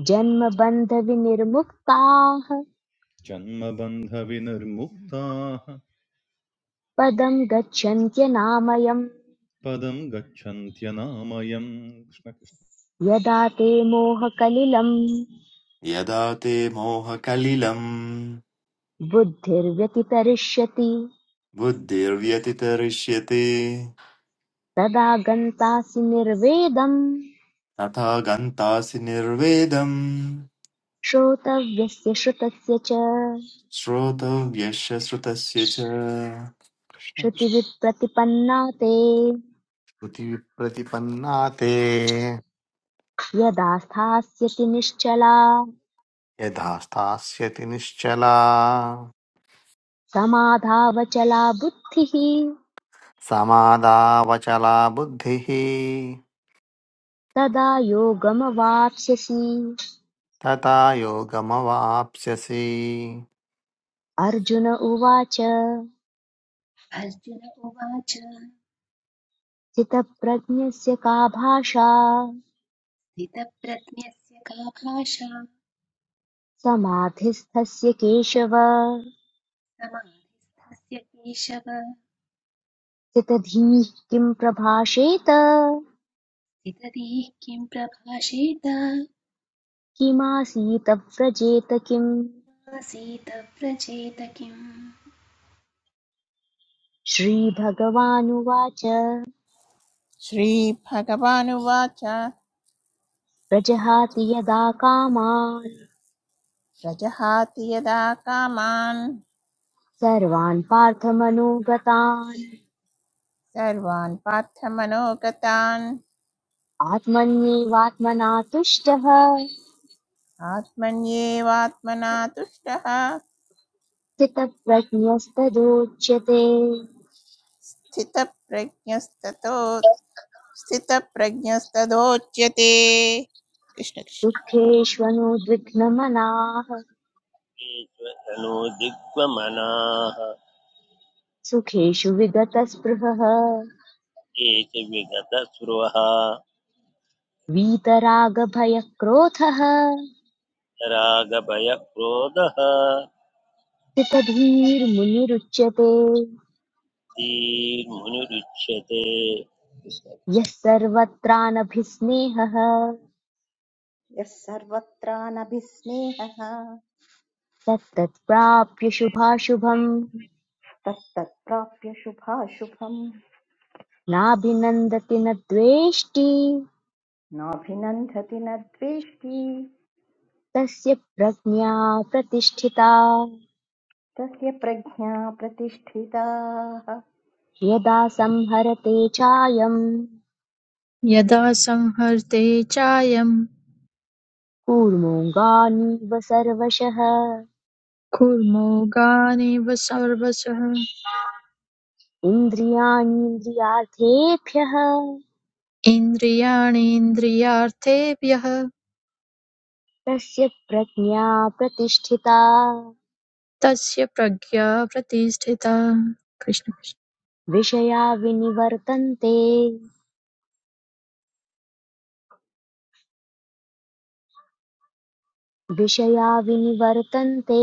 [SPEAKER 5] जन्मबन्धविनिर्मुक्ताः
[SPEAKER 10] जन्मबन्धविनिर्मुक्ताः
[SPEAKER 5] पदम् गच्छन्त्यनामयम्
[SPEAKER 10] पदं गच्छन्त्यनामयम् कृष्ण कृष्ण
[SPEAKER 5] यदा ते मोहकलिलम्
[SPEAKER 11] यदा ते मोहकलिलं
[SPEAKER 5] बुद्धिर्व्यतितरिष्यति
[SPEAKER 11] बुद्धिर्व्यतितरिष्यते
[SPEAKER 5] तदा गन्तासि निर्वेदम्
[SPEAKER 11] तथा गन्तासि निर्वेदं
[SPEAKER 5] श्रोतव्यस्य श्रुतस्य च
[SPEAKER 11] श्रोतव्यस्य श्रुतस्य च
[SPEAKER 5] श्रुतिविप्रतिपन्ना ते
[SPEAKER 3] श्रुतिविप्रतिपन्ना ते
[SPEAKER 5] यदा स्थास्यति निश्चला
[SPEAKER 3] यथा स्थास्यति निश्चला
[SPEAKER 5] समाधावचला बुद्धिः
[SPEAKER 3] समादावचला बुद्धिः
[SPEAKER 5] तदा योगमवाप्स्यसि
[SPEAKER 3] तथा योगमवाप्स्यसि
[SPEAKER 5] अर्जुन उवाच
[SPEAKER 1] अर्जुन उवाच
[SPEAKER 5] स्थितप्रज्ञस्य का भाषा
[SPEAKER 1] स्थितप्रज्ञस्य का भाषा
[SPEAKER 5] समाधिस्थस्य केशव
[SPEAKER 1] समाधिस्थस्य केशव
[SPEAKER 5] स्थितधीः किम् प्रभाषेत
[SPEAKER 1] स्थितधीः किं प्रभाषेत
[SPEAKER 5] किमासीत व्रजेत किम्
[SPEAKER 1] आसीत प्रचेत किम्
[SPEAKER 5] श्रीभगवानुवाच
[SPEAKER 2] श्रीभगवानुवाच
[SPEAKER 5] प्रजहाति यदा कामान्
[SPEAKER 2] प्रजहाति यदा कामान्
[SPEAKER 5] सर्वान् पार्थमनोगतान्
[SPEAKER 2] सर्वान् पार्थमनोगतान्
[SPEAKER 5] आत्मन्येवात्मना तुष्टः
[SPEAKER 2] आत्मन्येवात्मना तुष्टः
[SPEAKER 5] स्थितप्रज्ञस्तदोच्यते
[SPEAKER 2] स्थितप्रज्ञस्ततो स्थितप्रज्ञस्तदोच्यते कृष्ण कृष्ण
[SPEAKER 5] दुःखेष्वनुद्विग्नमनाः
[SPEAKER 6] यज्ञेश्वरनो दिग्वमनाः
[SPEAKER 5] सुखेषु विगतस्पृहः
[SPEAKER 6] ये च विगतस्पृहः
[SPEAKER 5] वीतरागभयक्रोधः
[SPEAKER 6] रागभयक्रोधः
[SPEAKER 5] स्थितधीर्मुनिरुच्यते
[SPEAKER 6] धीर्मुनिरुच्यते
[SPEAKER 5] यः सर्वत्राणभिस्नेहः
[SPEAKER 7] यः सर्वत्रानभिस्नेहः
[SPEAKER 5] तत्तत्प्राप्य शुभाशुभम्
[SPEAKER 7] तत्तत्प्राप्य शुभाशुभम्
[SPEAKER 5] नाभिनन्दति न द्वेष्टि
[SPEAKER 7] नाभिनन्दति न द्वेष्टि
[SPEAKER 5] तस्य प्रज्ञा प्रतिष्ठिता
[SPEAKER 7] तस्य प्रज्ञा प्रतिष्ठिताः
[SPEAKER 5] यदा संहरते चायम्
[SPEAKER 8] यदा संहर्ते चायं
[SPEAKER 5] कूर्मोऽङ्गानीव सर्वशः
[SPEAKER 8] कुर्मो गानेव सर्वशः
[SPEAKER 5] इन्द्रियाणीन्द्रियार्थेभ्यः
[SPEAKER 8] इन्द्रियाणीन्द्रियार्थेभ्यः
[SPEAKER 5] तस्य प्रज्ञा प्रतिष्ठिता
[SPEAKER 8] तस्य प्रज्ञा प्रतिष्ठिता कृष्ण कृष्ण।
[SPEAKER 5] विषया विनिवर्तन्ते विषया विनिवर्तन्ते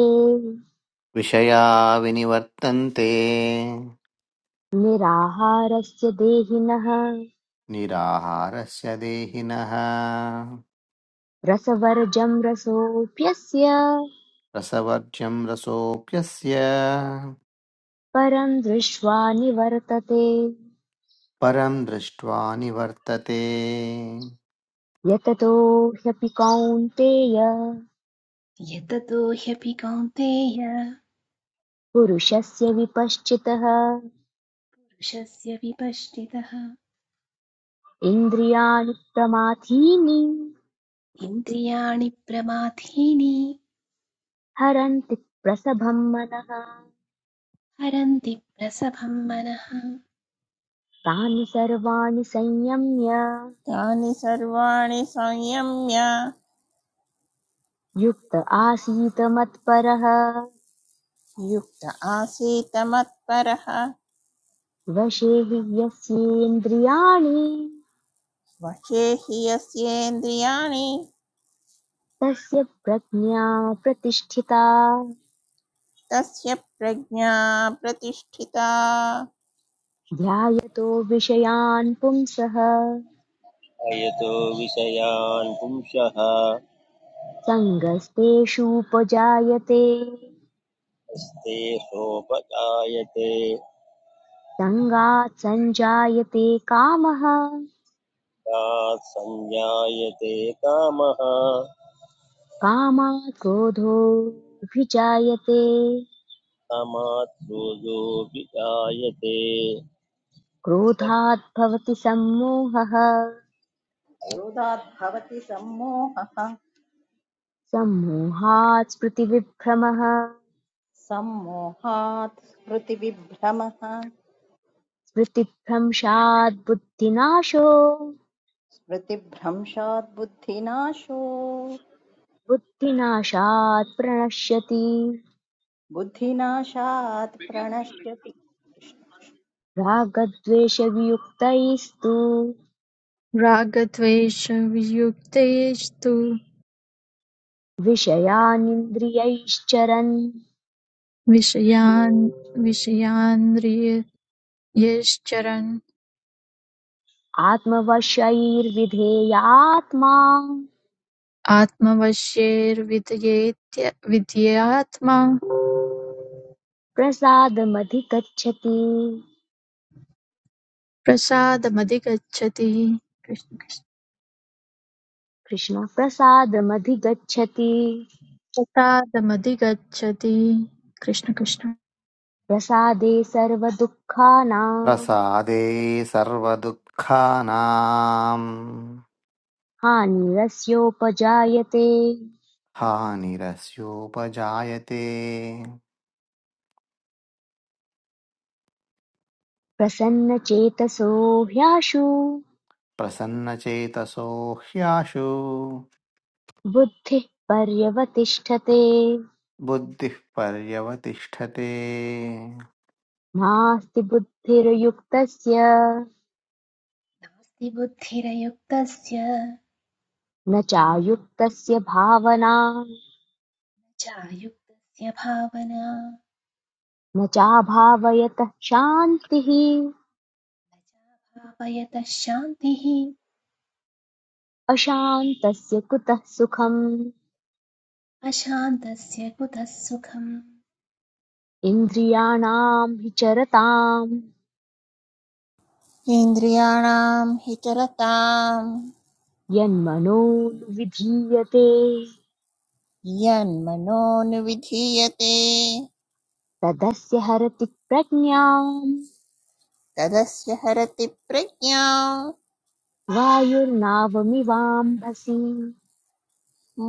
[SPEAKER 3] विषया विनिवर्तन्ते
[SPEAKER 5] निराहारस्य देहिनः
[SPEAKER 3] निराहारस्य देहिनः
[SPEAKER 5] रसवर्जं रसोऽप्यस्य
[SPEAKER 3] रसवर्ज्यं रसोऽप्यस्य
[SPEAKER 5] परं दृष्ट्वा निवर्तते
[SPEAKER 3] परं दृष्ट्वा निवर्तते
[SPEAKER 5] यततो ह्यपि कौन्तेय
[SPEAKER 1] यततो ह्यपि कौन्तेय
[SPEAKER 5] पुरुषस्य विपश्चितः
[SPEAKER 1] पुरुषस्य विपश्चितः
[SPEAKER 5] इन्द्रियाणि प्रमाथीनि
[SPEAKER 1] इन्द्रियाणि प्रमाथीनि
[SPEAKER 5] हरन्ति प्रसभं मनः
[SPEAKER 1] हरन्ति प्रसभं मनः
[SPEAKER 5] तानि सर्वाणि संयम्य
[SPEAKER 2] तानि सर्वाणि संयम्य
[SPEAKER 5] युक्त आसीत मत्परः
[SPEAKER 2] युक्त आसीत मत्परः
[SPEAKER 5] वशे हि यस्येन्द्रियाणि
[SPEAKER 2] वशे हि यस्येन्द्रियाणि
[SPEAKER 5] तस्य प्रज्ञा प्रतिष्ठिता
[SPEAKER 2] तस्य प्रज्ञा प्रतिष्ठिता
[SPEAKER 5] ध्यायतो विषयान् पुंसः
[SPEAKER 6] अयतो विषयान् पुंसः
[SPEAKER 5] सङ्गस्तेषूपजायते
[SPEAKER 6] हस्ते सोपजायते
[SPEAKER 5] सङ्गात् सञ्जायते कामः
[SPEAKER 6] तात् संजायते कामः
[SPEAKER 5] कामात् क्रोधोऽभिजायते
[SPEAKER 6] कामात् क्रोधोऽपि जायते कृष्णमादित्य
[SPEAKER 5] क्रोधात् भवति सम्मोहः
[SPEAKER 7] हृदात् भवति सम्मोहः
[SPEAKER 5] सम्मोहात् स्मृतिविभ्रमः
[SPEAKER 7] सम्मोहात् स्मृतिविभ्रमः
[SPEAKER 5] स्मृतिभ्रंशात् बुद्धिनाशो
[SPEAKER 7] स्मृतिभ्रंशात् बुद्धिनाशो
[SPEAKER 5] बुद्धिनाशात् प्रणश्यति
[SPEAKER 7] बुद्धिनाशात् प्रणश्यति
[SPEAKER 5] रागद्वेषवियुक्तैस्तु
[SPEAKER 8] रागद्वेषवियुक्तैस्तु
[SPEAKER 5] विषयानिन्द्रियैश्चरन्
[SPEAKER 8] विषयान् विषयान्ध्रियैश्चरन्
[SPEAKER 5] आत्मवशैर्विधेयात्मा
[SPEAKER 8] आत्मवश्यैर्विद्येत्य विद्यात्मा
[SPEAKER 5] प्रसादमधिगच्छति
[SPEAKER 8] प्रसादमधिगच्छति कृष्ण कृष्ण।
[SPEAKER 5] कृष्ण प्रसादमधिगच्छति
[SPEAKER 8] प्रसादमधिगच्छति कृष्ण कृष्ण
[SPEAKER 5] प्रसादे सर्वदुःखानां
[SPEAKER 3] प्रसादे सर्वदुःखानां
[SPEAKER 5] हानिरस्योपजायते
[SPEAKER 3] हानिरस्योपजायते
[SPEAKER 5] प्रसन्नचेतसो ह्याशु
[SPEAKER 3] प्रसन्नचेतसो ह्याशु
[SPEAKER 5] बुद्धिः पर्यवतिष्ठते
[SPEAKER 3] बुद्धिः पर्यवतिष्ठते
[SPEAKER 5] नास्ति बुद्धिर्युक्तस्य
[SPEAKER 1] बुद्धिरयुक्तस्य
[SPEAKER 5] न चायुक्तस्य भावना
[SPEAKER 1] चायुक्तस्य भावना न
[SPEAKER 5] न चाभावयतः क्षान्तिः
[SPEAKER 1] चाभावयतः शान्तिः
[SPEAKER 5] अशान्तस्य कुतः सुखम्
[SPEAKER 1] अशान्तस्य कुतः सुखम्
[SPEAKER 5] इन्द्रियाणाम् हि चरताम्
[SPEAKER 2] इन्द्रियाणां हि चरतां
[SPEAKER 5] यन्मनोनुविधीयते
[SPEAKER 2] यन्मनोनुविधीयते
[SPEAKER 5] तदस्य हरति प्रज्ञाम्
[SPEAKER 2] तदस्य हरति प्रज्ञा
[SPEAKER 5] वायुर्नावमिवाम्भसि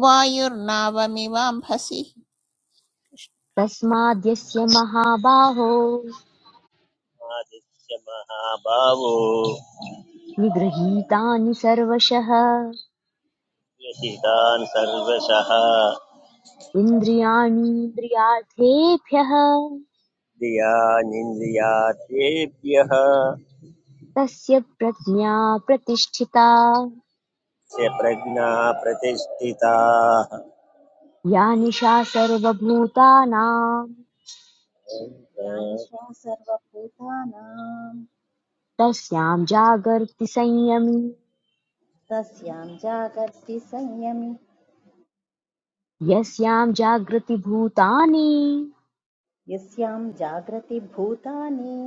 [SPEAKER 2] वायुर्नावमिवाम्भसि
[SPEAKER 5] तस्माद्यस्य महाबाहो
[SPEAKER 6] महाभावो
[SPEAKER 5] निगृहीतानि सर्वशः
[SPEAKER 6] व्यथितान् सर्वशः
[SPEAKER 5] इन्द्रियाणीन्द्रियार्थेभ्यः
[SPEAKER 6] क्रियानिन्द्रियार्थेभ्यः
[SPEAKER 5] तस्य प्रज्ञा प्रतिष्ठिता
[SPEAKER 6] च प्रज्ञा प्रतिष्ठिताः
[SPEAKER 5] या निशा सर्वभूतानां
[SPEAKER 7] या निशा सर्वभूतानां
[SPEAKER 5] तस्यां जागर्ति संयमी
[SPEAKER 7] तस्यां जागर्ति संयमि
[SPEAKER 5] यस्यां जागृतिभूतानि
[SPEAKER 7] यस्यां जागृति भूतानि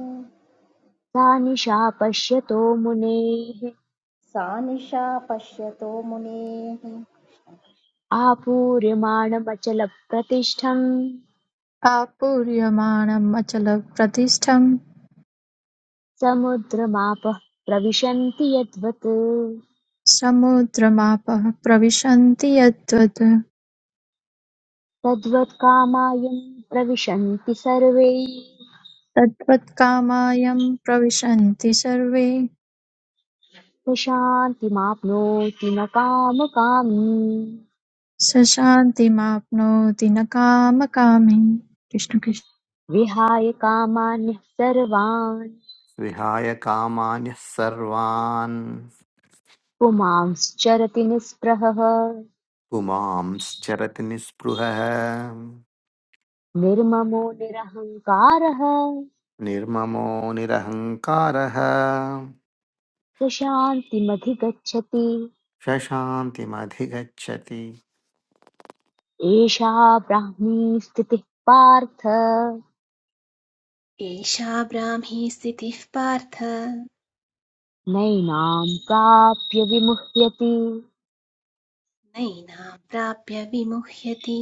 [SPEAKER 5] सा निशा पश्यतो मुनेः
[SPEAKER 7] सा निशा पश्यतो मुनेः
[SPEAKER 5] आपूर्यमाणमचलप्रतिष्ठम्
[SPEAKER 8] आपूर्यमाणम् अचलप्रतिष्ठम्
[SPEAKER 5] समुद्रमापः प्रविशन्ति यद्वत्
[SPEAKER 8] समुद्रमापः प्रविशन्ति यद्वत्
[SPEAKER 5] तद्वत् कामायं प्रविशन्ति सर्वे
[SPEAKER 8] तद्वत्कामायं प्रविशन्ति सर्वे
[SPEAKER 5] न न कामकामी
[SPEAKER 8] स शान्तिमाप्नोति न कामकामी
[SPEAKER 5] विहाय कामान्यः सर्वान्
[SPEAKER 3] विहाय कामान्यः सर्वान्
[SPEAKER 5] पुमांश्चरति निःस्पृहः
[SPEAKER 3] पुमांश्चरति निःस्पृहः
[SPEAKER 5] निर्ममो निरहङ्कारः
[SPEAKER 3] निर्ममो निरहङ्कारः
[SPEAKER 5] स शान्तिमधिगच्छति
[SPEAKER 3] स शान्तिमधिगच्छति
[SPEAKER 5] एषा ब्राह्मी स्थितिः पार्थ
[SPEAKER 1] एषा ब्राह्मी स्थितिः पार्थ
[SPEAKER 5] नैनां प्राप्य विमुह्यति
[SPEAKER 1] नैनां प्राप्य विमुह्यति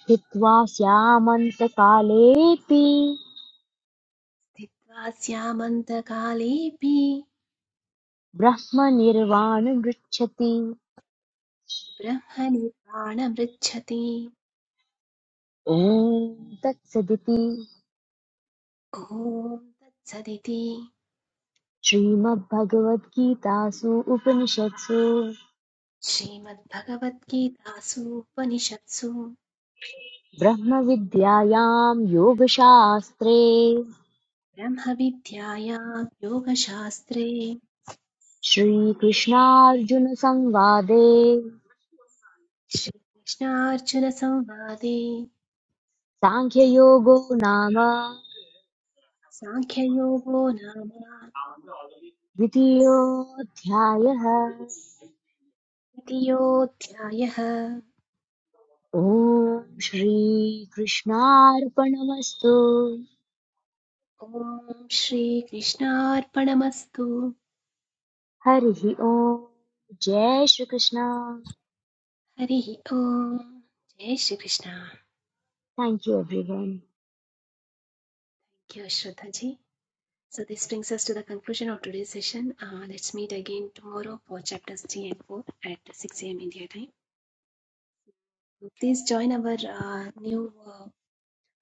[SPEAKER 5] स्थित्वा स्यामन्तकालेऽपि
[SPEAKER 1] स्थित्वा स्यामन्तकालेऽपि
[SPEAKER 5] ब्रह्मनिर्वाणमृच्छति
[SPEAKER 1] ब्रह्मनिर्वाणमृच्छति
[SPEAKER 5] ॐ तत्सदिति
[SPEAKER 1] ॐ तत्सदिति
[SPEAKER 5] श्रीमद्भगवद्गीतासु उपनिषत्सु
[SPEAKER 1] श्रीमद्भगवद्गीतासु उपनिषत्सु
[SPEAKER 5] ब्रह्मविद्यायां योगशास्त्रे
[SPEAKER 1] ब्रह्मविद्यायां योगशास्त्रे
[SPEAKER 5] श्रीकृष्णार्जुनसंवादे
[SPEAKER 1] श्रीकृष्णार्जुनसंवादे
[SPEAKER 5] साङ्ख्ययोगो नाम
[SPEAKER 1] साङ्ख्ययोगो नाम
[SPEAKER 5] द्वितीयोऽध्यायः
[SPEAKER 1] द्वितीयोऽध्यायः
[SPEAKER 5] ॐ श्रीकृष्णार्पणमस्तु
[SPEAKER 1] ॐ श्रीकृष्णार्पणमस्तु
[SPEAKER 5] हरिः ओम् जय श्रीकृष्ण
[SPEAKER 1] हरिः ॐ जय Shrikrishna thank
[SPEAKER 5] thank you everyone
[SPEAKER 1] you Shraddha ji so this brings us to the conclusion of today session let's meet again tomorrow for chapters 3 and 4 at 6 am India time please join our new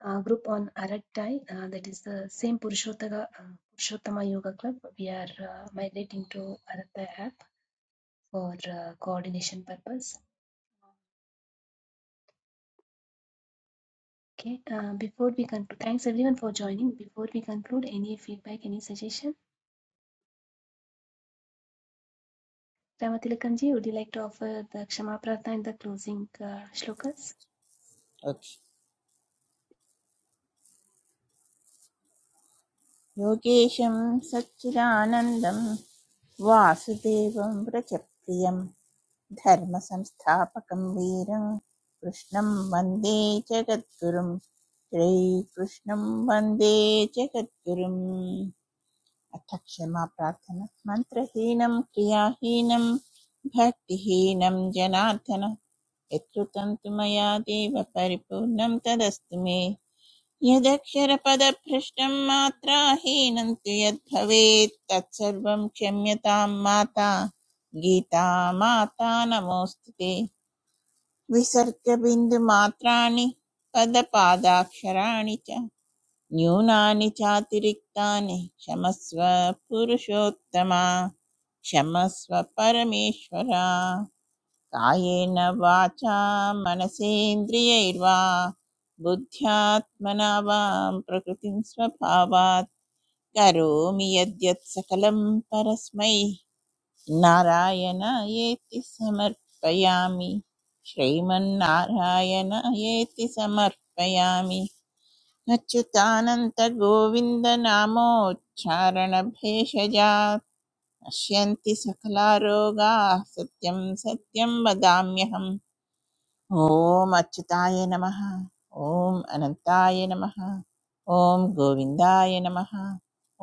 [SPEAKER 1] uh, group on Arattai, uh, that is the same Purushottama, uh, Purushottama Yoga Club. We are uh, migrating to Arattai app for uh, coordination purpose. Okay, uh, before we conclude, thanks everyone for joining. Before we conclude, any feedback, any suggestion? Ramatilakamji, would you like to offer the Kshama Pratha and the closing uh, shlokas?
[SPEAKER 2] Okay, योगेशं सच्चिदानन्दं वासुदेवं व्रजप्रियं धर्मसंस्थापकं वीरं कृष्णं वन्दे जगद्गुरुं श्रीकृष्णं वन्दे जगद्गुरुम् अथ क्षमा प्रार्थना मन्त्रहीनं क्रियाहीनं भक्तिहीनं जनार्दन यत्कृतं तु मया देव परिपूर्णं तदस्तु मे यदक्षरपदभ्रष्टं मात्रा हीनं तु यद्भवेत् तत्सर्वं क्षम्यतां माता गीता माता नमोऽस्तु ते विसर्गबिन्दुमात्राणि पदपादाक्षराणि च न्यूनानि चातिरिक्तानि क्षमस्व पुरुषोत्तमा क्षमस्व परमेश्वरा कायेन वाचा मनसेन्द्रियैर्वा बुद्ध्यात्मना वां प्रकृतिं स्वभावात् करोमि यद्यत् सकलं परस्मै नारायणायेति समर्पयामि श्रीमन्नारायणायेति समर्पयामि अच्युतानन्तगोविन्दनामोच्चारणभेषजात् नश्यन्ति सकलारोगाः सत्यं सत्यं वदाम्यहम् ॐ अच्युताय नमः ॐ अनन्ताय नमः ॐ गोविन्दाय नमः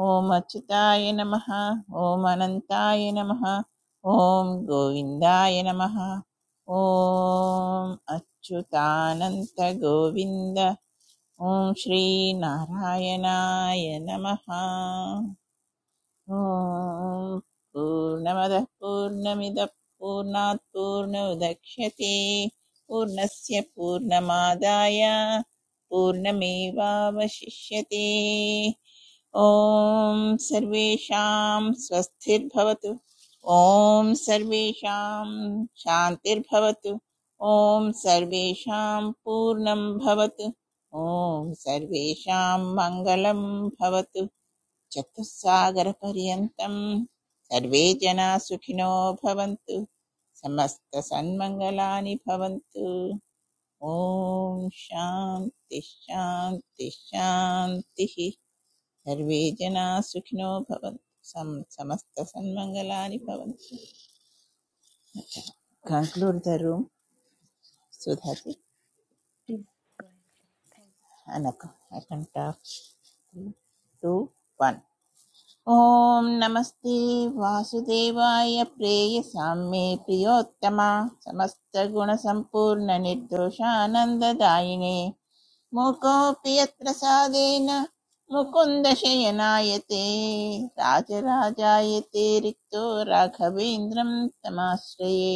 [SPEAKER 2] ॐ अच्युताय नमः ॐ अनन्ताय नमः ॐ गोविन्दाय नमः ॐ अच्युतानन्त गोविन्द ॐ श्रीनारायणाय नमः ॐ पूर्णमदः पूर्णमिदः पूर्णात् पूर्णमुदक्ष्यते पूर्णस्य पूर्णमादाय पूर्णमेवावशिष्यते ॐ सर्वेषां स्वस्तिर्भवतु ॐ सर्वेषां शान्तिर्भवतु ॐ सर्वेषां पूर्णं भवतु ॐ सर्वेषां मङ्गलं भवतु చతుస్సాగరపర్యంతం సర్వే జనా సుఖినో భవంతు సమస్త సన్మంగళాని భవంతు ఓం శాంతి శాంతి శాంతి సర్వే జనా సుఖినో భవంతు సం సమస్త సన్మంగళాని భవంతు conclude the room Sudhaji
[SPEAKER 1] Please go ahead. Thanks.
[SPEAKER 2] అనక అకంట టు వన్ ॐ नमस्ते वासुदेवाय प्रेयसां मे प्रियोत्तमा समस्तगुणसम्पूर्णनिर्दोषानन्ददायिने मूकोऽपि यत्प्रसादेन मुकुन्दशयनाय ते राजराजाय ते रिक्तो राघवेन्द्रं तमाश्रये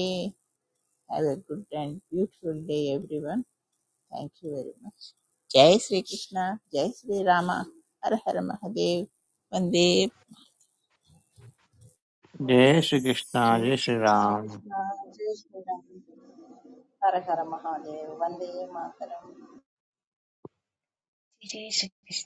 [SPEAKER 2] have a good and beautiful day everyone thank you very much जय श्रीकृष्ण जय श्रीराम हर हर महादेव वन्दे
[SPEAKER 3] जय श्रीकृष्ण
[SPEAKER 1] जय
[SPEAKER 3] जय श्रीराम
[SPEAKER 7] श्रीकृष्ण जय श्रीराम हर हर महादेव वन्दे मातरम्
[SPEAKER 1] Jai Shri Krishna.